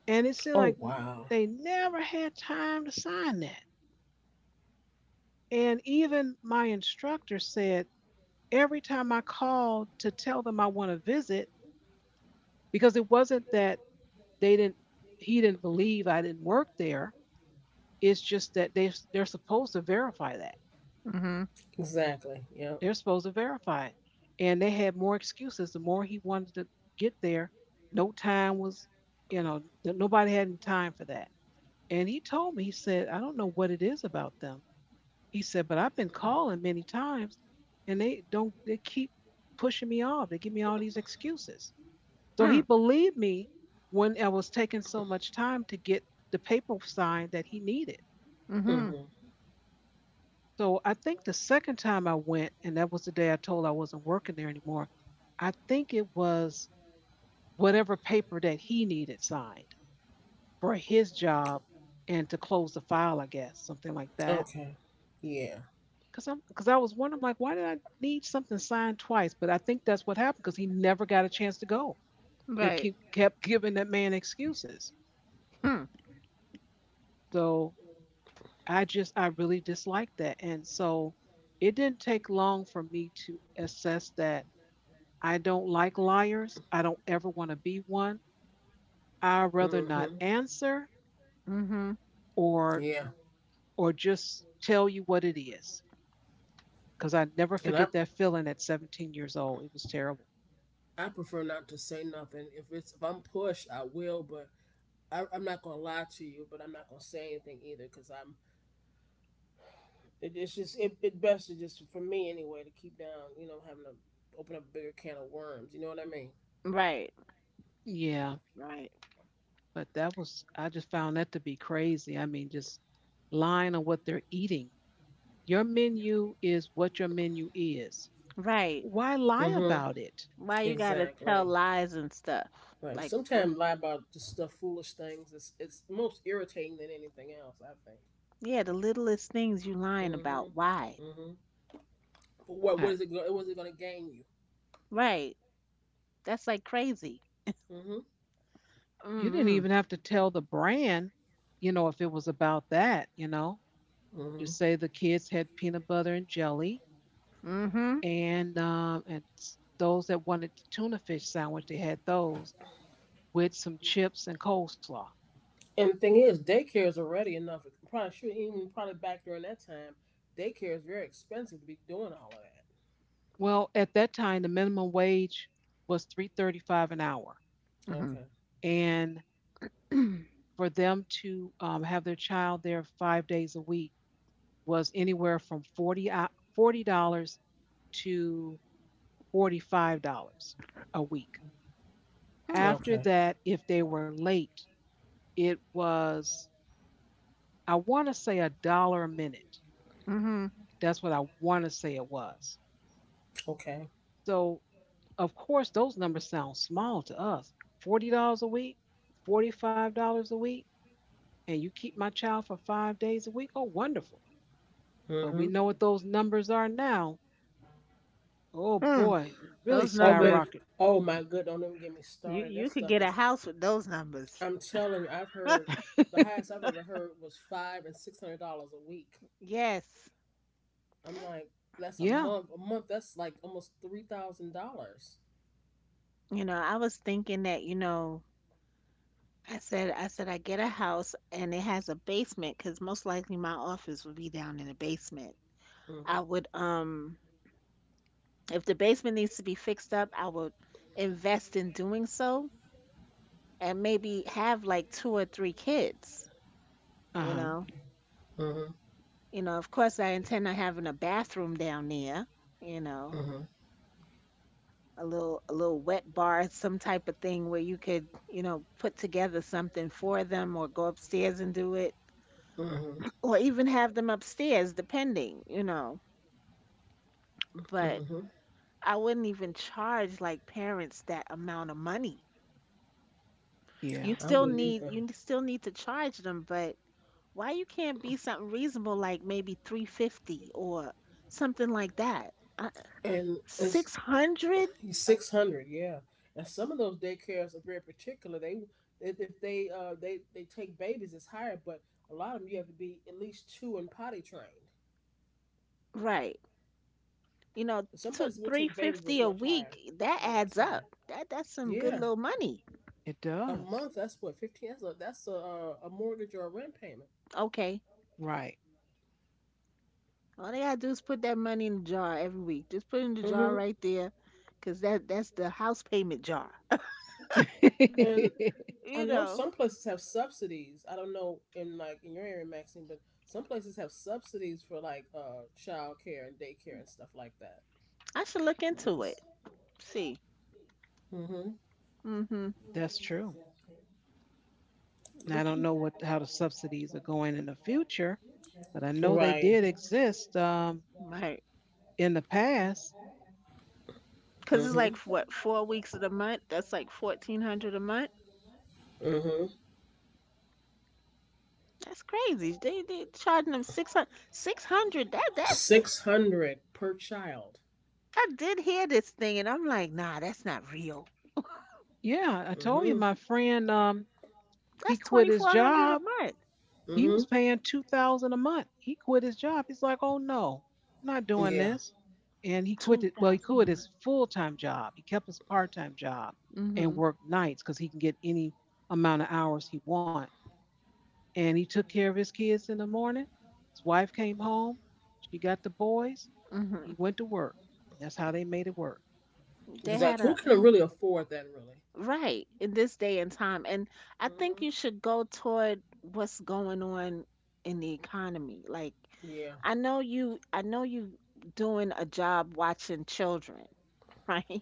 [SPEAKER 1] And it seemed like
[SPEAKER 2] Oh wow.
[SPEAKER 1] they never had time to sign that. And even my instructor said, every time I called to tell them I want to visit, because it wasn't that they didn't, he didn't believe I didn't work there. It's just that they're supposed to verify that.
[SPEAKER 3] Mhm.
[SPEAKER 2] Exactly. Yeah.
[SPEAKER 1] They're supposed to verify it. And they had more excuses the more he wanted to get there. No time was, you know, nobody had any time for that. And he told me, he said, I don't know what it is about them. He said, but I've been calling many times and they don't, they keep pushing me off. They give me all these excuses. So
[SPEAKER 3] Hmm.
[SPEAKER 1] he believed me when I was taking so much time to get the paper signed that he needed.
[SPEAKER 3] Mhm.
[SPEAKER 2] Mm-hmm.
[SPEAKER 1] So I think the second time I went, and that was the day I told I wasn't working there anymore, I think it was whatever paper that he needed signed for his job and to close the file, I guess, something like that.
[SPEAKER 2] Okay. Yeah.
[SPEAKER 1] Cause I was wondering, like, why did I need something signed twice? But I think that's what happened, cause he never got a chance to go. They
[SPEAKER 3] Right.
[SPEAKER 1] keep kept giving that man excuses.
[SPEAKER 3] Hmm.
[SPEAKER 1] So I really disliked that, and so it didn't take long for me to assess that I don't like liars. I don't ever want to be one. I rather not
[SPEAKER 2] Mm-hmm.
[SPEAKER 1] answer
[SPEAKER 3] Mhm.
[SPEAKER 1] or
[SPEAKER 2] Yeah.
[SPEAKER 1] just tell you what it is, cause I never
[SPEAKER 2] And I
[SPEAKER 1] forget that feeling at 17 years old. It was terrible.
[SPEAKER 2] I prefer not to say nothing. If I'm pushed, I will. But I'm not gonna lie to you. But I'm not gonna say anything either because I'm. It best to just, for me anyway, to keep down. You know, having to open up a bigger can of worms. You know what I mean?
[SPEAKER 3] Right.
[SPEAKER 1] Yeah.
[SPEAKER 3] Right.
[SPEAKER 1] But that was, I just found that to be crazy. I mean, just lying on what they're eating. Your menu is what your menu is.
[SPEAKER 3] Right.
[SPEAKER 1] Why lie
[SPEAKER 2] Mm-hmm.
[SPEAKER 1] about it?
[SPEAKER 3] Why you gotta tell
[SPEAKER 2] Exactly.
[SPEAKER 3] lies and stuff?
[SPEAKER 2] Right.
[SPEAKER 3] Like what?
[SPEAKER 2] Sometimes lie about just stuff, foolish things. It's most irritating than anything else. I think.
[SPEAKER 3] Yeah, the littlest things you lying
[SPEAKER 2] Mm-hmm.
[SPEAKER 3] about. Why?
[SPEAKER 2] Mm-hmm. But what
[SPEAKER 1] I,
[SPEAKER 2] is it? What is it gonna gain you?
[SPEAKER 3] Right. That's like crazy.
[SPEAKER 2] Mm-hmm.
[SPEAKER 1] you didn't
[SPEAKER 3] Mm.
[SPEAKER 1] even have to tell the brand, you know, if it was about that.
[SPEAKER 2] Mm-hmm.
[SPEAKER 1] Just say the kids had peanut butter and jelly,
[SPEAKER 3] Mhm.
[SPEAKER 1] and those that wanted the tuna fish sandwich, they had those with some chips and coleslaw.
[SPEAKER 2] And the thing is, daycare is already enough. Probably sure even probably back during that time, daycare is very expensive to be doing all
[SPEAKER 1] Well, at that time, the minimum wage was 3.35 an hour,
[SPEAKER 2] of that.
[SPEAKER 3] Mhm.
[SPEAKER 2] Okay.
[SPEAKER 1] and for them to have their child there 5 days a week was anywhere from 40 dollars to $45 a week.
[SPEAKER 3] Hmm.
[SPEAKER 1] After
[SPEAKER 2] Okay.
[SPEAKER 1] that, if they were late, it was I want to say a dollar a minute.
[SPEAKER 3] Mhm.
[SPEAKER 1] That's what I want to say it was.
[SPEAKER 2] Okay.
[SPEAKER 1] So of course those numbers sound small to us. $40 a week, $45 a week, and you keep my child for 5 days a week. Oh, wonderful! But we
[SPEAKER 2] Hmm.
[SPEAKER 1] know what those numbers are now. Oh
[SPEAKER 3] Hmm.
[SPEAKER 1] boy, it really
[SPEAKER 3] Those
[SPEAKER 2] Oh man.
[SPEAKER 3] numbers,
[SPEAKER 1] skyrocket.
[SPEAKER 2] Oh my good. Don't even get me started.
[SPEAKER 3] you
[SPEAKER 2] That
[SPEAKER 3] you could
[SPEAKER 2] stuff
[SPEAKER 3] get
[SPEAKER 2] is.
[SPEAKER 3] a house with those numbers.
[SPEAKER 2] I'm telling you, I've heard the highest I've ever heard was five and six hundred dollars a week.
[SPEAKER 3] Yes.
[SPEAKER 2] I'm like, that's a
[SPEAKER 1] Yeah.
[SPEAKER 2] month. A month. That's like almost $3,000.
[SPEAKER 3] You know, I was thinking that, I said, I get a house, and it has a basement, cause most likely my office would be down in the basement. I
[SPEAKER 2] Mhm.
[SPEAKER 3] would If the basement needs to be fixed up, I would invest in doing so, and maybe have like two or three kids, you
[SPEAKER 1] Uh-huh.
[SPEAKER 3] know.
[SPEAKER 2] Mhm.
[SPEAKER 3] You know, of course I intend on having a bathroom down there, you know.
[SPEAKER 2] Mhm.
[SPEAKER 3] A little wet bar, some type of thing where you could, you know, put together something for them, or go upstairs and do it,
[SPEAKER 2] Mhm.
[SPEAKER 3] or even have them upstairs depending, you know. But
[SPEAKER 2] Mhm.
[SPEAKER 3] I wouldn't even charge like parents that amount of money. You
[SPEAKER 1] Yeah.
[SPEAKER 2] I
[SPEAKER 3] still
[SPEAKER 2] wouldn't
[SPEAKER 3] need
[SPEAKER 2] either.
[SPEAKER 3] you still need to charge them, but why you can't be something reasonable like maybe 350 or something like that? Uh,
[SPEAKER 2] And it's
[SPEAKER 3] 600?
[SPEAKER 2] He's 600, yeah. And some of those daycares are very particular. They If they take babies, it's higher, but a lot of them you have to be at least two and potty trained.
[SPEAKER 3] Right. You know,
[SPEAKER 2] Some places will take babies, but it's
[SPEAKER 3] 350 a
[SPEAKER 2] much higher.
[SPEAKER 3] week, that
[SPEAKER 2] Yeah, it's
[SPEAKER 3] adds
[SPEAKER 2] higher.
[SPEAKER 3] up. That's some good
[SPEAKER 1] It
[SPEAKER 2] Yeah,
[SPEAKER 3] little money.
[SPEAKER 1] it
[SPEAKER 2] a month.
[SPEAKER 1] does.
[SPEAKER 2] That's what 15. That's a mortgage or a rent payment.
[SPEAKER 3] Okay.
[SPEAKER 1] Right.
[SPEAKER 3] All they gotta do is put that money in the jar every week. Just put it in the jar
[SPEAKER 2] Hmm.
[SPEAKER 3] right there, 'cause that's the house payment jar.
[SPEAKER 2] And I know
[SPEAKER 3] You
[SPEAKER 2] some
[SPEAKER 3] know,
[SPEAKER 2] places have subsidies. I don't know in like in your area, Maxine, but some places have subsidies for like child care and daycare and stuff like that.
[SPEAKER 3] I should look
[SPEAKER 2] I think
[SPEAKER 3] into
[SPEAKER 2] it's.
[SPEAKER 3] it. See.
[SPEAKER 2] Hmm.
[SPEAKER 3] Mm-hmm.
[SPEAKER 1] That's true. And I
[SPEAKER 3] But
[SPEAKER 1] don't know
[SPEAKER 3] you
[SPEAKER 1] what how the subsidies are going in the future, but I know they
[SPEAKER 2] Right.
[SPEAKER 1] did exist
[SPEAKER 3] might.
[SPEAKER 1] in the past.
[SPEAKER 3] 'Cause it's like
[SPEAKER 2] Mm-hmm.
[SPEAKER 3] what, 4 weeks of the month? That's like 1400 a month.
[SPEAKER 2] Mm-hmm.
[SPEAKER 3] That's crazy. They charging them 600 600. That that's
[SPEAKER 2] 600 per child.
[SPEAKER 3] I did hear this thing, and I'm like, "Nah, that's not real."
[SPEAKER 1] Yeah, I told you
[SPEAKER 2] Mm-hmm.
[SPEAKER 1] my friend he
[SPEAKER 3] That's
[SPEAKER 1] quit his
[SPEAKER 3] 2400 a
[SPEAKER 1] job.
[SPEAKER 3] month.
[SPEAKER 1] He
[SPEAKER 2] Mm-hmm.
[SPEAKER 1] was paying 2,000 a month. He quit his job. He's like, "Oh no. I'm not doing
[SPEAKER 2] Yeah.
[SPEAKER 1] this." And he quit it. Well, he
[SPEAKER 3] 2000 a
[SPEAKER 1] quit
[SPEAKER 3] month.
[SPEAKER 1] his full-time job. He kept his part-time job and
[SPEAKER 3] Mhm.
[SPEAKER 1] worked nights cuz he can get any amount of hours he want. And he took care of his kids in the morning. His wife came home. She got the boys. He
[SPEAKER 3] Mhm.
[SPEAKER 1] went to work. That's how they made it work.
[SPEAKER 3] They
[SPEAKER 2] Because like,
[SPEAKER 3] had
[SPEAKER 2] who
[SPEAKER 3] a
[SPEAKER 2] can really afford that? Really.
[SPEAKER 3] Right, in this day and time, and I think
[SPEAKER 2] Mm-hmm.
[SPEAKER 3] you should go toward what's going on in the economy. Like,
[SPEAKER 2] Yeah.
[SPEAKER 3] I know you doing a job watching children, right?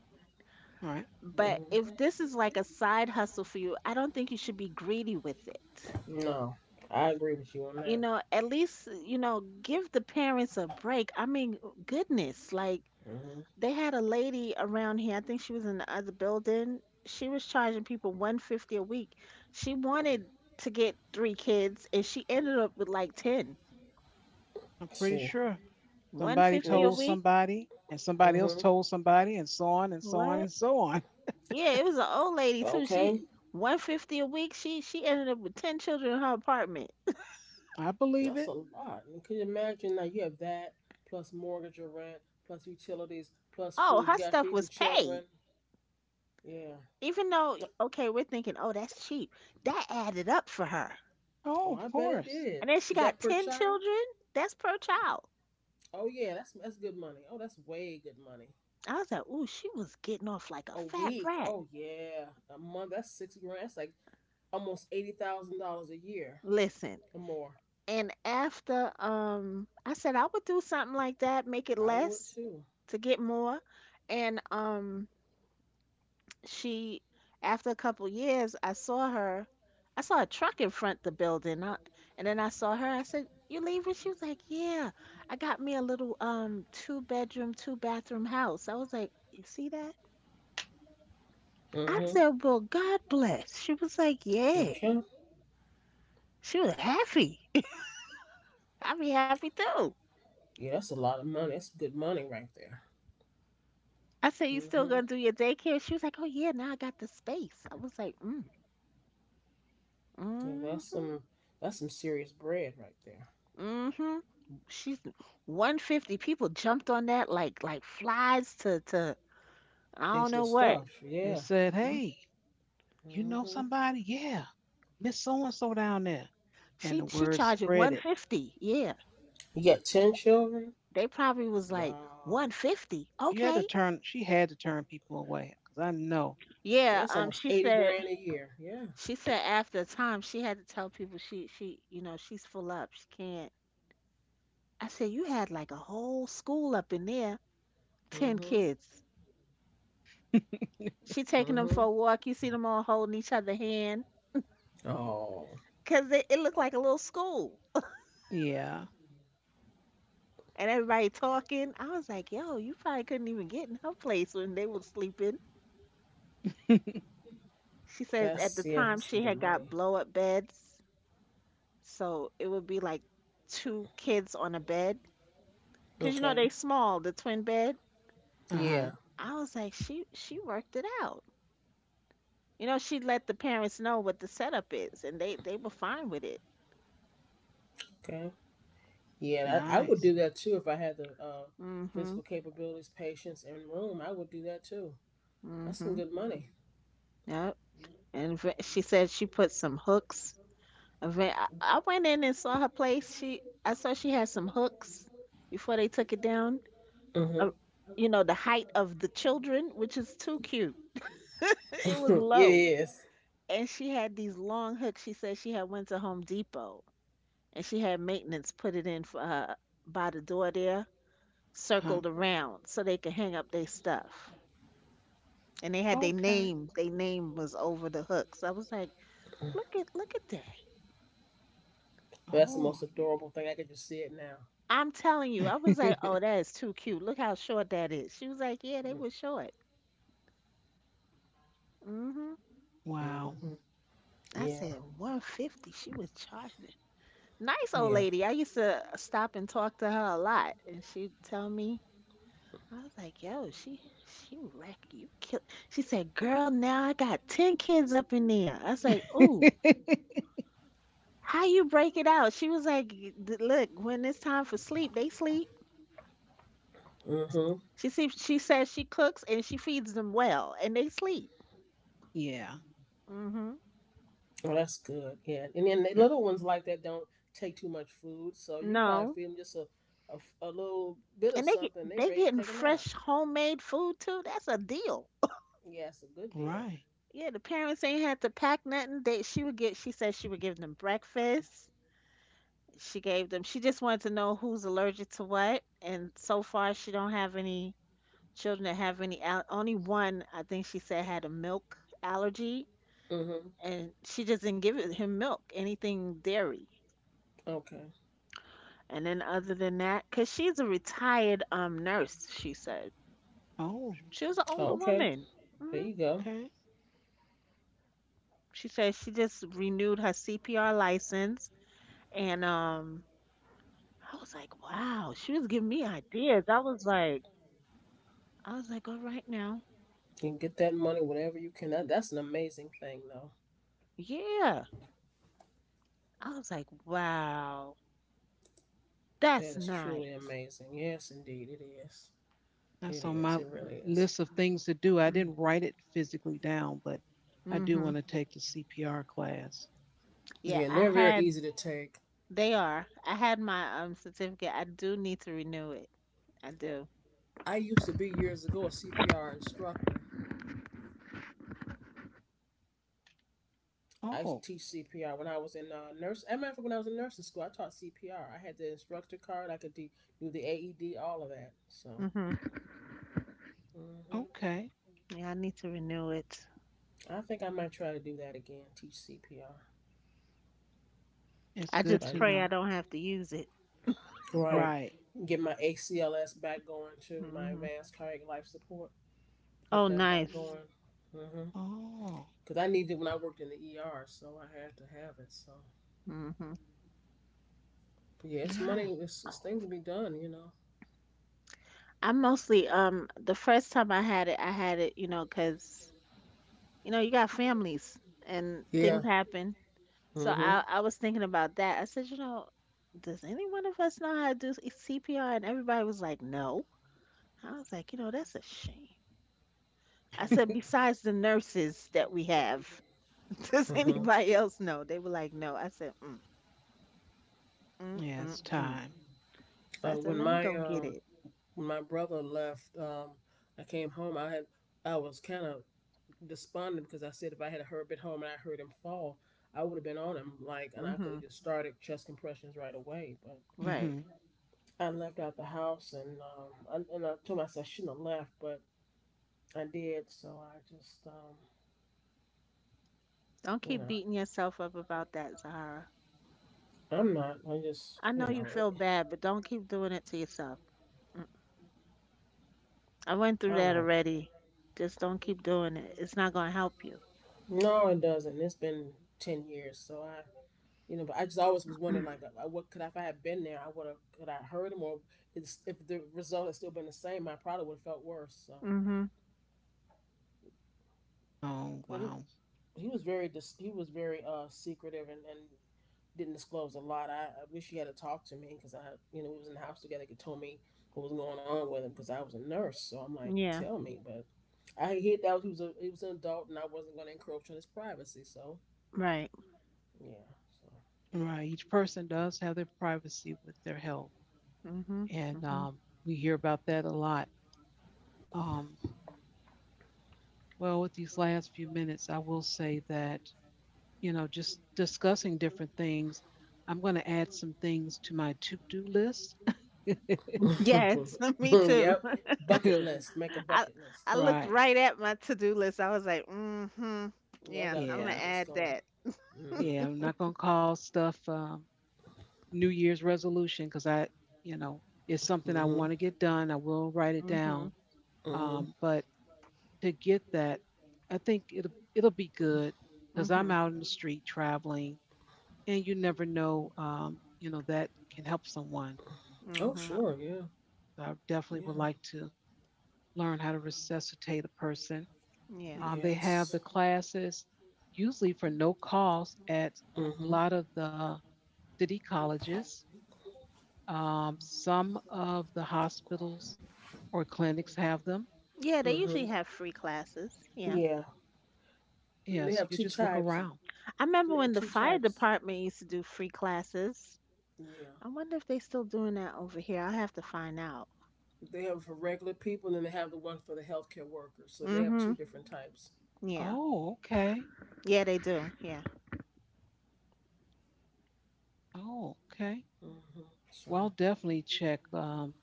[SPEAKER 1] All right.
[SPEAKER 3] But if
[SPEAKER 2] Mm-hmm.
[SPEAKER 3] this is like a side hustle for you, I don't think you should be greedy with it.
[SPEAKER 2] No, I agree with you on
[SPEAKER 3] You
[SPEAKER 2] that.
[SPEAKER 3] know, at least, you know, give the parents a break. I mean, goodness,
[SPEAKER 2] Mm-hmm.
[SPEAKER 3] they had a lady around here. I think she was in the other building. She was charging people 150 a week. She wanted to get three kids, and she ended up with like 10.
[SPEAKER 1] I'm pretty
[SPEAKER 2] See,
[SPEAKER 1] sure somebody
[SPEAKER 2] and they
[SPEAKER 3] 150 a
[SPEAKER 1] told
[SPEAKER 2] just.
[SPEAKER 3] week?
[SPEAKER 1] somebody and somebody else
[SPEAKER 2] Mm-hmm.
[SPEAKER 1] told somebody and so on and so on
[SPEAKER 3] What?
[SPEAKER 1] and so on.
[SPEAKER 3] Yeah, it was an old lady too.
[SPEAKER 2] Okay.
[SPEAKER 3] She 150 a week. She ended up with 10 children in her apartment.
[SPEAKER 1] I believe
[SPEAKER 2] That's a
[SPEAKER 1] it.
[SPEAKER 2] lot. And can you imagine that you have that plus mortgage or rent plus utilities plus
[SPEAKER 3] Oh,
[SPEAKER 2] food? You
[SPEAKER 3] her
[SPEAKER 2] got to
[SPEAKER 3] stuff
[SPEAKER 2] feed the
[SPEAKER 3] was paid.
[SPEAKER 2] children. Yeah.
[SPEAKER 3] Even though okay, we're thinking, "Oh, that's cheap." That added up for her.
[SPEAKER 1] Oh,
[SPEAKER 2] Oh,
[SPEAKER 1] of
[SPEAKER 2] I bet it
[SPEAKER 1] course.
[SPEAKER 2] did.
[SPEAKER 3] And then she
[SPEAKER 2] Is that
[SPEAKER 3] got
[SPEAKER 2] per
[SPEAKER 3] 10
[SPEAKER 2] child?
[SPEAKER 3] children. That's per child.
[SPEAKER 2] Oh yeah, that's good money. Oh, that's way good money.
[SPEAKER 3] I was like, "Ooh, she was getting off like a
[SPEAKER 2] A
[SPEAKER 3] fat
[SPEAKER 2] week.
[SPEAKER 3] rat."
[SPEAKER 2] Oh yeah, a month. That's 6 grand. That's like almost $80,000 a year
[SPEAKER 3] Listen,
[SPEAKER 2] or more.
[SPEAKER 3] and after I said I would do something like that, make it
[SPEAKER 2] I would
[SPEAKER 3] less
[SPEAKER 2] too.
[SPEAKER 3] to get more. And she, after a couple years, I saw a truck in front the building. And then I saw her. I said, "You leaving?" She was like, "Yeah. I got me a little two bedroom, two bathroom house." I was like, "You see that?"
[SPEAKER 2] Mm-hmm.
[SPEAKER 3] I said, "Well, God bless." She was like, "Yeah."
[SPEAKER 2] Okay.
[SPEAKER 3] She was happy. I be happy too.
[SPEAKER 2] Yeah, that's a lot of money. That's good money right there.
[SPEAKER 3] I said, "You still
[SPEAKER 2] Mm-hmm.
[SPEAKER 3] gonna do your daycare?" She was like, "Oh yeah, now I got the space." I was like, mm,
[SPEAKER 2] Yeah, that's
[SPEAKER 3] mm-hmm,
[SPEAKER 2] some that's some serious bread right there.
[SPEAKER 3] mm-hmm. She's 150 people jumped on that like flies to I
[SPEAKER 1] They
[SPEAKER 3] don't
[SPEAKER 1] s-
[SPEAKER 2] The
[SPEAKER 3] know what.
[SPEAKER 2] stuff.
[SPEAKER 1] they
[SPEAKER 2] Yeah.
[SPEAKER 1] said,
[SPEAKER 3] Mm.
[SPEAKER 1] "Hey, you know
[SPEAKER 2] Mm-hmm.
[SPEAKER 1] somebody? Yeah, Miss So and So down there." And
[SPEAKER 3] She
[SPEAKER 1] the
[SPEAKER 3] she
[SPEAKER 1] word
[SPEAKER 3] charging
[SPEAKER 1] spread it.
[SPEAKER 3] 150. Yeah.
[SPEAKER 2] You got 10 children.
[SPEAKER 3] They probably was like
[SPEAKER 2] Wow.
[SPEAKER 3] 150. Okay.
[SPEAKER 1] She had to turn people away because I know.
[SPEAKER 2] Yeah,
[SPEAKER 3] Yeah,
[SPEAKER 2] that's almost
[SPEAKER 3] she
[SPEAKER 2] eighty
[SPEAKER 3] said
[SPEAKER 2] grand a year. Yeah.
[SPEAKER 3] after a time she had to tell people she you know, she's full up. She can't. I said, "You had like a whole school up in there, 10
[SPEAKER 2] Mm-hmm.
[SPEAKER 3] kids." She taking
[SPEAKER 2] Mm-hmm.
[SPEAKER 3] them for a walk. You see them all holding each other hand
[SPEAKER 2] Oh,
[SPEAKER 3] because it looked like a little school
[SPEAKER 1] Yeah.
[SPEAKER 3] and everybody talking. I was like, yo, you probably couldn't even get in her place when they was sleeping. She said at
[SPEAKER 2] that's
[SPEAKER 3] the
[SPEAKER 2] yeah.
[SPEAKER 3] time
[SPEAKER 2] That's some
[SPEAKER 3] she
[SPEAKER 2] good
[SPEAKER 3] had
[SPEAKER 2] money.
[SPEAKER 3] got blow up beds, so it would be like two kids on a bed because you know
[SPEAKER 2] Okay.
[SPEAKER 3] they small, the twin bed.
[SPEAKER 1] Uh huh.
[SPEAKER 2] Yeah.
[SPEAKER 3] I was like, she worked it out. You know, she let the parents know what the setup is, and they were fine with it.
[SPEAKER 2] Okay. Yeah. I would
[SPEAKER 1] Nice.
[SPEAKER 2] do that too if I had the physical
[SPEAKER 3] Mhm.
[SPEAKER 2] capabilities, patience, and room. I would do that too. That's some
[SPEAKER 3] Mhm.
[SPEAKER 2] good money.
[SPEAKER 3] Yep. And she said she put some hooks. I went in and saw her place. She, I saw she had some hooks before they took it down.
[SPEAKER 2] Mm-hmm.
[SPEAKER 3] Uh, you know, the height of the children, which is too cute. It was low.
[SPEAKER 2] Yes.
[SPEAKER 3] And she had these long hooks. She said she had went to Home Depot and she had maintenance put it in for her by the door there,
[SPEAKER 1] Uh huh.
[SPEAKER 3] circled around so they could hang up their stuff. And they had their
[SPEAKER 1] Okay.
[SPEAKER 3] name. Their name was over the hooks. I was like, look at that.
[SPEAKER 2] That's the
[SPEAKER 1] Oh.
[SPEAKER 2] most adorable thing. I could just see it now.
[SPEAKER 3] I'm telling you, I was like, "Oh, that is too cute. Look how short that is." She was like, "Yeah, they were short." Hmm.
[SPEAKER 1] Wow.
[SPEAKER 2] Hmm.
[SPEAKER 3] I
[SPEAKER 2] Yeah.
[SPEAKER 3] said, 150. She was charging it. Nice old
[SPEAKER 2] Yeah.
[SPEAKER 3] lady. I used to stop and talk to her a lot, and she'd tell me, I was like, "Yo, she wreck you kill." She said, "Girl, now I got 10 kids up in there." I was like, "Ooh, how you break it out?" She was like, "Look, when it's time for sleep, they sleep."
[SPEAKER 2] Hmm.
[SPEAKER 3] She see, she says she cooks and she feeds them well, and they sleep.
[SPEAKER 1] Yeah.
[SPEAKER 3] Mhm.
[SPEAKER 2] Well, that's good. Yeah. And then the
[SPEAKER 1] Sure.
[SPEAKER 2] little ones like that don't take too much food. So you probably
[SPEAKER 3] No.
[SPEAKER 2] feed them just a, a little bit
[SPEAKER 3] And
[SPEAKER 2] of
[SPEAKER 3] they get
[SPEAKER 2] something. They
[SPEAKER 3] they
[SPEAKER 2] ready to
[SPEAKER 3] getting
[SPEAKER 2] take a nap.
[SPEAKER 3] fresh homemade food too. That's a deal.
[SPEAKER 2] Yeah, it's a good deal.
[SPEAKER 1] Right.
[SPEAKER 3] Yeah, the parents ain't had to pack nothing. They she would get she said she would give them breakfast. She gave them she just wanted to know who's allergic to what. And so far she don't have any children that have any only one I think she said had a milk allergy,
[SPEAKER 2] Hmm.
[SPEAKER 3] and she just didn't give it, him milk, anything dairy.
[SPEAKER 2] Okay.
[SPEAKER 3] And then other than that, cuz she's a retired nurse, she said.
[SPEAKER 1] Oh.
[SPEAKER 3] She was an older
[SPEAKER 2] Okay.
[SPEAKER 3] woman.
[SPEAKER 2] There
[SPEAKER 3] Mm-hmm.
[SPEAKER 2] you go.
[SPEAKER 1] Okay.
[SPEAKER 3] She said she just renewed her CPR license and I was like, wow, she was giving me ideas. I was like, all right now.
[SPEAKER 2] And get that money whatever you can. That's an amazing thing, though.
[SPEAKER 3] Yeah. I was like, wow,
[SPEAKER 2] That
[SPEAKER 3] that's
[SPEAKER 2] is truly
[SPEAKER 3] nice.
[SPEAKER 2] amazing. Yes, indeed, it is.
[SPEAKER 1] That's on
[SPEAKER 2] It is.
[SPEAKER 1] my
[SPEAKER 2] It really is.
[SPEAKER 1] list of things to do. I
[SPEAKER 3] Mm-hmm.
[SPEAKER 1] didn't write it physically down, but I do
[SPEAKER 3] Mm-hmm.
[SPEAKER 1] want to take the CPR class.
[SPEAKER 3] Yeah,
[SPEAKER 2] Yeah, and
[SPEAKER 3] I
[SPEAKER 2] they're very
[SPEAKER 3] had,
[SPEAKER 2] easy to take.
[SPEAKER 3] they are. I had my certificate. I do need to renew it. I do.
[SPEAKER 2] I used to be years ago a CPR instructor. I used to
[SPEAKER 1] Oh,
[SPEAKER 2] teach CPR when I was in nurse. I remember when I was in nursing school, I taught CPR. I had the instructor card. I could do the AED, all of that. So,
[SPEAKER 3] Mm-hmm.
[SPEAKER 2] hmm
[SPEAKER 1] okay.
[SPEAKER 3] Yeah, I need to renew it.
[SPEAKER 2] I think I might try to do that again. Teach CPR.
[SPEAKER 1] It's
[SPEAKER 3] I
[SPEAKER 1] good
[SPEAKER 2] But
[SPEAKER 3] just
[SPEAKER 1] to
[SPEAKER 2] right.
[SPEAKER 3] pray
[SPEAKER 1] know.
[SPEAKER 3] I don't have to use it.
[SPEAKER 2] Right.
[SPEAKER 1] Right.
[SPEAKER 2] Get my ACLS back going to my
[SPEAKER 3] Mm-hmm.
[SPEAKER 2] advanced cardiac life support. Get
[SPEAKER 3] Oh,
[SPEAKER 2] that back
[SPEAKER 3] nice.
[SPEAKER 2] going. Mm-hmm.
[SPEAKER 1] Oh,
[SPEAKER 2] Cause I needed it when I worked in the ER, so I had to have it. So,
[SPEAKER 3] Hmm.
[SPEAKER 2] but yeah, it's
[SPEAKER 1] yeah.
[SPEAKER 2] money. It's things to be done.
[SPEAKER 3] I'm mostly the first time I had it, you know, 'cause you know, you got families and
[SPEAKER 2] Yeah.
[SPEAKER 3] things happen. So
[SPEAKER 2] Mm-hmm.
[SPEAKER 3] I was thinking about that. I said, you know, does any one of us know how to do CPR? And everybody was like, no. I was like, you know, that's a shame. I said,
[SPEAKER 2] Yeah.
[SPEAKER 3] besides the nurses that we have, does
[SPEAKER 2] Mm-hmm.
[SPEAKER 3] anybody else know? They were like, no. I said, mm,
[SPEAKER 1] Yeah,
[SPEAKER 3] mm,
[SPEAKER 1] it's
[SPEAKER 3] mm.
[SPEAKER 1] time.
[SPEAKER 3] So I
[SPEAKER 2] Uh,
[SPEAKER 3] said,
[SPEAKER 2] when
[SPEAKER 3] let me
[SPEAKER 2] my
[SPEAKER 3] go get
[SPEAKER 2] um
[SPEAKER 3] it.
[SPEAKER 2] when my brother left, I came home. I was kind of despondent because I said if I had heard been home and I heard him fall, I would have been on him like, and I could
[SPEAKER 3] Hmm.
[SPEAKER 2] have just started chest compressions right away. But
[SPEAKER 3] Right.
[SPEAKER 1] Hmm.
[SPEAKER 2] I left out the house, and I told myself I shouldn't have left, but I did. So I just.
[SPEAKER 3] Don't
[SPEAKER 2] You
[SPEAKER 3] keep
[SPEAKER 2] know,
[SPEAKER 3] beating yourself up about that, Zahara.
[SPEAKER 2] I'm not. I just,
[SPEAKER 3] I know you
[SPEAKER 2] it,
[SPEAKER 3] feel bad, but don't keep doing it to yourself. Mm, I went through
[SPEAKER 2] I
[SPEAKER 3] that
[SPEAKER 2] won't.
[SPEAKER 3] already. Just don't keep doing it. It's not going to help you.
[SPEAKER 2] No, it doesn't. It's been 10 years, so I, but I just always was wondering, like, what could I, if I had been there, I would have, could I heard him, or it's, if the result had still been the same, I probably would have felt worse. So
[SPEAKER 3] Mhm.
[SPEAKER 1] Oh,
[SPEAKER 2] then
[SPEAKER 1] wow.
[SPEAKER 2] he was very secretive and didn't disclose a lot. I wish he had talked to me because I, you know, we was in the house together. He told me what was going on with him because I was a nurse. So I'm like,
[SPEAKER 3] Yeah.
[SPEAKER 2] tell me, but I hit that he was an adult and I wasn't gonna encroach on his privacy, so
[SPEAKER 3] Right.
[SPEAKER 2] yeah. So
[SPEAKER 1] Right. Each person does have their privacy with their health.
[SPEAKER 3] Mhm.
[SPEAKER 1] And
[SPEAKER 3] Mhm.
[SPEAKER 1] um, we hear about that a lot. Um, well, with these last few minutes, I will say that you know, just discussing different things, I'm going to add some things to my to do list.
[SPEAKER 3] Yes, me too.
[SPEAKER 2] Yep. Bucket list. Make a
[SPEAKER 3] I
[SPEAKER 2] bucket
[SPEAKER 3] I
[SPEAKER 2] list.
[SPEAKER 3] looked
[SPEAKER 1] Right.
[SPEAKER 3] right at my to-do list. I was like, mhm.
[SPEAKER 2] Yeah, I
[SPEAKER 3] Yeah,
[SPEAKER 2] got a
[SPEAKER 3] I'm gonna
[SPEAKER 1] Yeah.
[SPEAKER 2] bucket list
[SPEAKER 3] add
[SPEAKER 2] going.
[SPEAKER 3] that."
[SPEAKER 2] Mm-hmm.
[SPEAKER 1] Yeah. I'm not going to call stuff New Year's resolution because you know, it's something I
[SPEAKER 2] Mm-hmm.
[SPEAKER 1] want to get done. I will write it down.
[SPEAKER 3] Mhm.
[SPEAKER 2] Mm-hmm.
[SPEAKER 1] But to get that, I think it'll be good because I'm
[SPEAKER 3] Mhm.
[SPEAKER 1] out in the street traveling and you never know, that can help someone.
[SPEAKER 2] Oh
[SPEAKER 1] I,
[SPEAKER 3] Mhm.
[SPEAKER 2] sure, yeah.
[SPEAKER 1] I definitely would
[SPEAKER 2] Yeah.
[SPEAKER 1] like to learn how to resuscitate a person.
[SPEAKER 3] Yeah.
[SPEAKER 1] They have
[SPEAKER 2] Yes.
[SPEAKER 1] the classes usually for no cost at a
[SPEAKER 2] Mm-hmm.
[SPEAKER 1] lot of the city colleges. Some of the hospitals or clinics have them.
[SPEAKER 3] Yeah, they
[SPEAKER 2] Mm-hmm.
[SPEAKER 3] usually have free classes. Yeah.
[SPEAKER 2] Yeah. And
[SPEAKER 1] Yeah,
[SPEAKER 2] they
[SPEAKER 1] so
[SPEAKER 2] have
[SPEAKER 1] you
[SPEAKER 2] two
[SPEAKER 1] just look
[SPEAKER 2] types.
[SPEAKER 1] around.
[SPEAKER 3] I remember
[SPEAKER 2] They have
[SPEAKER 3] when the
[SPEAKER 2] two
[SPEAKER 3] fire
[SPEAKER 2] types.
[SPEAKER 3] department used to do free classes.
[SPEAKER 2] Yeah.
[SPEAKER 3] I wonder if they still doing that over here. I have to find out.
[SPEAKER 2] They have for regular people and then they have the one for the healthcare workers. So they have
[SPEAKER 3] Mhm.
[SPEAKER 2] two different types.
[SPEAKER 3] Yeah.
[SPEAKER 1] Oh, okay.
[SPEAKER 3] Yeah, they do. Yeah.
[SPEAKER 1] Oh, okay.
[SPEAKER 2] Mm-hmm. So
[SPEAKER 1] Well, definitely check.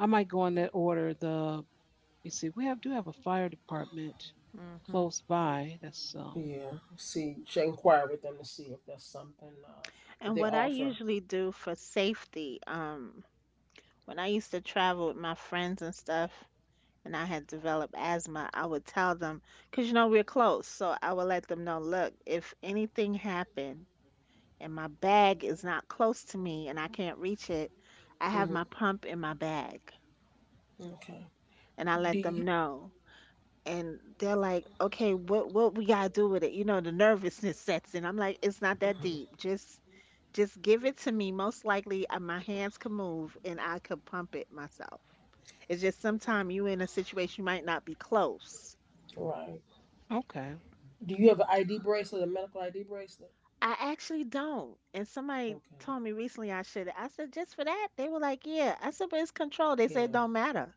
[SPEAKER 1] I might go in that order. The You see, we have do have a fire department
[SPEAKER 3] Mhm.
[SPEAKER 1] close by. That's
[SPEAKER 2] yeah, see, should inquire with them to see if that's something that
[SPEAKER 3] And
[SPEAKER 2] they
[SPEAKER 3] what I
[SPEAKER 2] offer.
[SPEAKER 3] usually do for safety, when I used to travel with my friends and stuff, and I had developed asthma, I would tell them, because you know we're close, so I would let them know, look, if anything happened and my bag is not close to me and I can't reach it, I have my
[SPEAKER 2] Hmm.
[SPEAKER 3] pump in my bag,
[SPEAKER 2] Okay.
[SPEAKER 3] and I
[SPEAKER 2] Do
[SPEAKER 3] let them
[SPEAKER 2] you
[SPEAKER 3] know. And they're like, "Okay, what we gotta do with it?" You know, the nervousness sets in. I'm like, "It's not that deep. Just give it to me. Most likely, my hands could move and I could pump it myself. It's just sometime you in a situation you might not be close.
[SPEAKER 2] right?
[SPEAKER 1] okay.
[SPEAKER 2] Do you have an ID bracelet, a medical ID bracelet?
[SPEAKER 3] I actually don't. And somebody
[SPEAKER 2] Okay.
[SPEAKER 3] told me recently I should. I said just for that. They were like, "Yeah." I said, "But it's control." They said, "It
[SPEAKER 2] Yeah,
[SPEAKER 3] don't matter."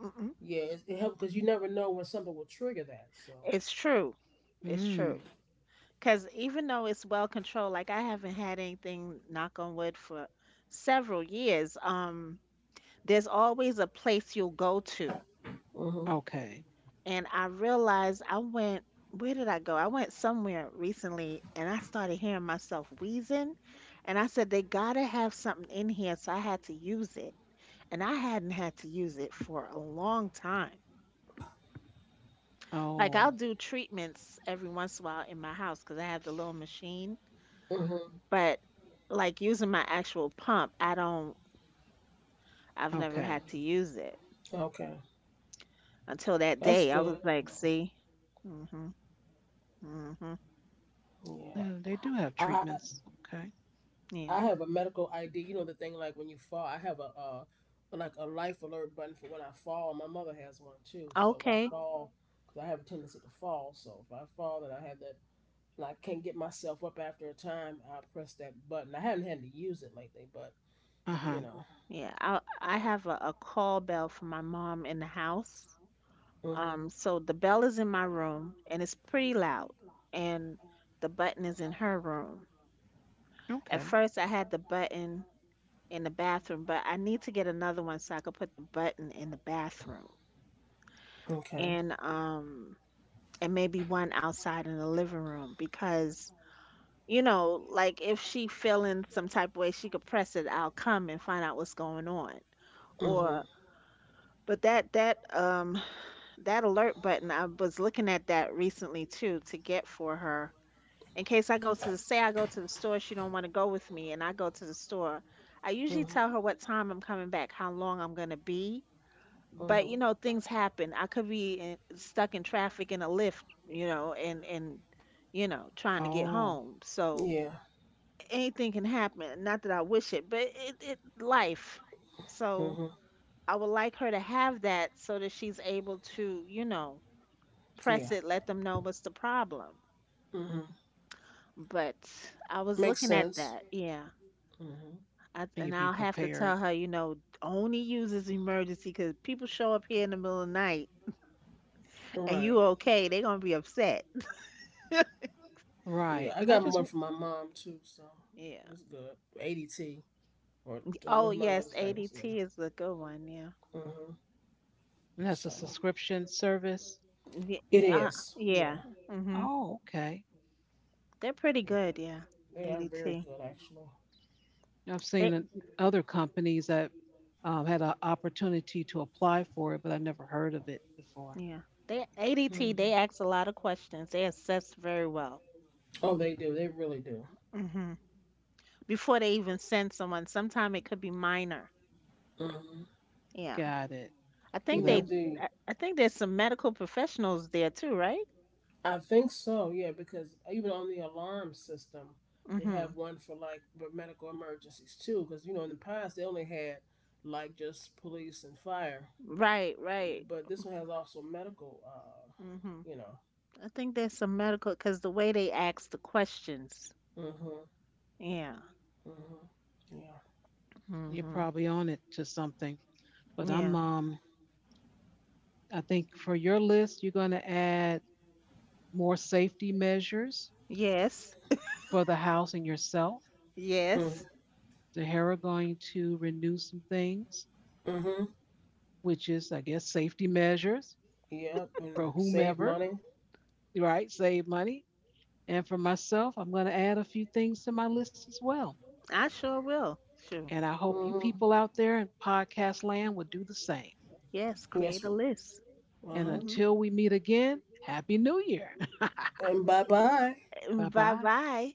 [SPEAKER 3] Mm-mm.
[SPEAKER 2] yeah. It helps because you never know when something will trigger that. So.
[SPEAKER 3] It's true. It's
[SPEAKER 1] Mm,
[SPEAKER 3] true. Because even though it's well controlled, like I haven't had anything, knock on wood, for several years, there's always a place you'll go to.
[SPEAKER 2] Mhm.
[SPEAKER 1] okay.
[SPEAKER 3] And I realized I went, where did I go? I went somewhere recently and I started hearing myself wheezing. And I said, they gotta have something in here. So I had to use it. And I hadn't had to use it for a long time. Like I'll
[SPEAKER 1] Oh,
[SPEAKER 3] do treatments every once in a while in my house because I have the little machine.
[SPEAKER 2] Mhm.
[SPEAKER 3] But like using my actual pump, I don't, I've never
[SPEAKER 1] okay.
[SPEAKER 3] had to use it
[SPEAKER 2] Okay,
[SPEAKER 3] until that
[SPEAKER 2] that's
[SPEAKER 3] day. I
[SPEAKER 2] good.
[SPEAKER 3] was like,
[SPEAKER 2] No.
[SPEAKER 3] see, mm mhm, mm mhm,
[SPEAKER 2] Yeah.
[SPEAKER 1] Yeah, they do have
[SPEAKER 2] I
[SPEAKER 1] treatments. Okay.
[SPEAKER 2] I
[SPEAKER 3] yeah,
[SPEAKER 2] have a medical ID. You know the thing like when you fall, I have a like a life alert button for when I fall. And my mother has one too. So if I
[SPEAKER 3] okay,
[SPEAKER 2] fall, because I have a tendency to fall, so if I fall and I have that, and I can't get myself up after a time, I press that button. I haven't had to use it lately, but
[SPEAKER 1] Uh
[SPEAKER 2] you
[SPEAKER 1] huh.
[SPEAKER 2] know.
[SPEAKER 3] yeah. I have a call bell for my mom in the house.
[SPEAKER 2] Mm-hmm.
[SPEAKER 3] So the bell is in my room and it's pretty loud, and the button is in her room. At
[SPEAKER 1] Okay.
[SPEAKER 3] first, I had the button in the bathroom, but I need to get another one so I could put the button in the bathroom.
[SPEAKER 2] Okay.
[SPEAKER 3] And and maybe one outside in the living room because you know like if she feeling some type of way she could press it, I'll come and find out what's going on.
[SPEAKER 2] Mm-hmm.
[SPEAKER 3] Or but that that alert button, I was looking at that recently too to get for her in case I go to the, say I go to the store, she don't want to go with me and I go to the store. I usually
[SPEAKER 2] Mm-hmm.
[SPEAKER 3] tell her what time I'm coming back, how long I'm going to be.
[SPEAKER 2] Mm-hmm.
[SPEAKER 3] But you know things happen, I could be in, stuck in traffic in a lift, you know, and you know trying to get
[SPEAKER 1] Oh,
[SPEAKER 3] home. So
[SPEAKER 2] Yeah.
[SPEAKER 3] anything can happen, not that I wish it, but it life. So
[SPEAKER 2] Mm-hmm.
[SPEAKER 3] I would like her to have that so that she's able to, you know,
[SPEAKER 2] Yeah.
[SPEAKER 3] press it, let them know what's the problem.
[SPEAKER 2] Mm-hmm.
[SPEAKER 3] But I was
[SPEAKER 2] Makes
[SPEAKER 3] looking at
[SPEAKER 2] sense.
[SPEAKER 3] that, yeah.
[SPEAKER 2] Mm-hmm.
[SPEAKER 3] I,
[SPEAKER 1] and you
[SPEAKER 3] and
[SPEAKER 1] be
[SPEAKER 3] I'll have to
[SPEAKER 1] prepared.
[SPEAKER 3] tell her, you know, only use this emergency because people show up here in the middle of the night and
[SPEAKER 2] Right.
[SPEAKER 3] you okay they are gonna be upset.
[SPEAKER 2] Yeah.
[SPEAKER 1] Right.
[SPEAKER 2] I got one from my mom too, so
[SPEAKER 3] Yeah.
[SPEAKER 2] it's good. ADT. Or one
[SPEAKER 3] Oh
[SPEAKER 2] of my other
[SPEAKER 3] yes,
[SPEAKER 2] things. Yeah.
[SPEAKER 3] ADT is a good one. Yeah.
[SPEAKER 2] Hmm.
[SPEAKER 1] That's a
[SPEAKER 2] So
[SPEAKER 1] subscription service.
[SPEAKER 3] Yeah.
[SPEAKER 2] it is. Yeah.
[SPEAKER 3] Yeah. Mhm.
[SPEAKER 1] Oh, okay.
[SPEAKER 3] They're pretty
[SPEAKER 2] Yeah.
[SPEAKER 3] good. Yeah.
[SPEAKER 2] They are very
[SPEAKER 3] ADT.
[SPEAKER 2] good, actually.
[SPEAKER 1] I've seen
[SPEAKER 3] They.
[SPEAKER 1] in other companies that had an opportunity to apply for it, but I never heard of it before.
[SPEAKER 3] Yeah. They ADT. They ask a lot of questions. They assess very well.
[SPEAKER 2] Oh, they do. They really do.
[SPEAKER 3] Mhm. Before they even send someone, sometime it could be minor.
[SPEAKER 2] Hmm.
[SPEAKER 3] Yeah.
[SPEAKER 1] Got it.
[SPEAKER 3] I
[SPEAKER 1] So
[SPEAKER 3] think
[SPEAKER 2] Even
[SPEAKER 1] that
[SPEAKER 3] they.
[SPEAKER 2] with the,
[SPEAKER 3] I think there's some medical professionals there too, right?
[SPEAKER 2] I think so. Yeah, because even on the alarm system, they
[SPEAKER 3] Mhm.
[SPEAKER 2] have one for like for medical emergencies too. Because you know, in the past they only had like just police and fire,
[SPEAKER 3] Right. Right.
[SPEAKER 2] but this one has also medical.
[SPEAKER 3] Mhm.
[SPEAKER 2] You know.
[SPEAKER 3] I think there's some medical because the way they ask the questions.
[SPEAKER 2] Hmm.
[SPEAKER 3] Yeah.
[SPEAKER 2] Hmm. Yeah.
[SPEAKER 1] you're
[SPEAKER 3] Mhm.
[SPEAKER 1] probably on it to something. But
[SPEAKER 3] Yeah.
[SPEAKER 1] I think for your list, you're going to add more safety measures
[SPEAKER 3] Yes.
[SPEAKER 1] for the house and yourself.
[SPEAKER 2] Mm-hmm.
[SPEAKER 3] Yes.
[SPEAKER 1] The Hera going to renew some things,
[SPEAKER 2] Mm-hmm.
[SPEAKER 1] which is, I guess, safety measures
[SPEAKER 2] Yep. And
[SPEAKER 1] for
[SPEAKER 2] save
[SPEAKER 1] whomever,
[SPEAKER 2] money.
[SPEAKER 1] right? Save money. And for myself, I'm going to add a few things to my list as well.
[SPEAKER 3] I sure will. Sure.
[SPEAKER 1] And I hope you
[SPEAKER 2] Mm-hmm.
[SPEAKER 1] people out there in podcast land will do the same.
[SPEAKER 3] Yes.
[SPEAKER 2] Yes,
[SPEAKER 3] Create a
[SPEAKER 2] ma'am.
[SPEAKER 3] list.
[SPEAKER 2] Uh
[SPEAKER 1] And
[SPEAKER 2] huh.
[SPEAKER 3] Mm-hmm.
[SPEAKER 1] until we meet again, Happy New Year.
[SPEAKER 2] And bye bye.
[SPEAKER 1] Bye
[SPEAKER 3] Bye
[SPEAKER 1] bye.
[SPEAKER 3] bye.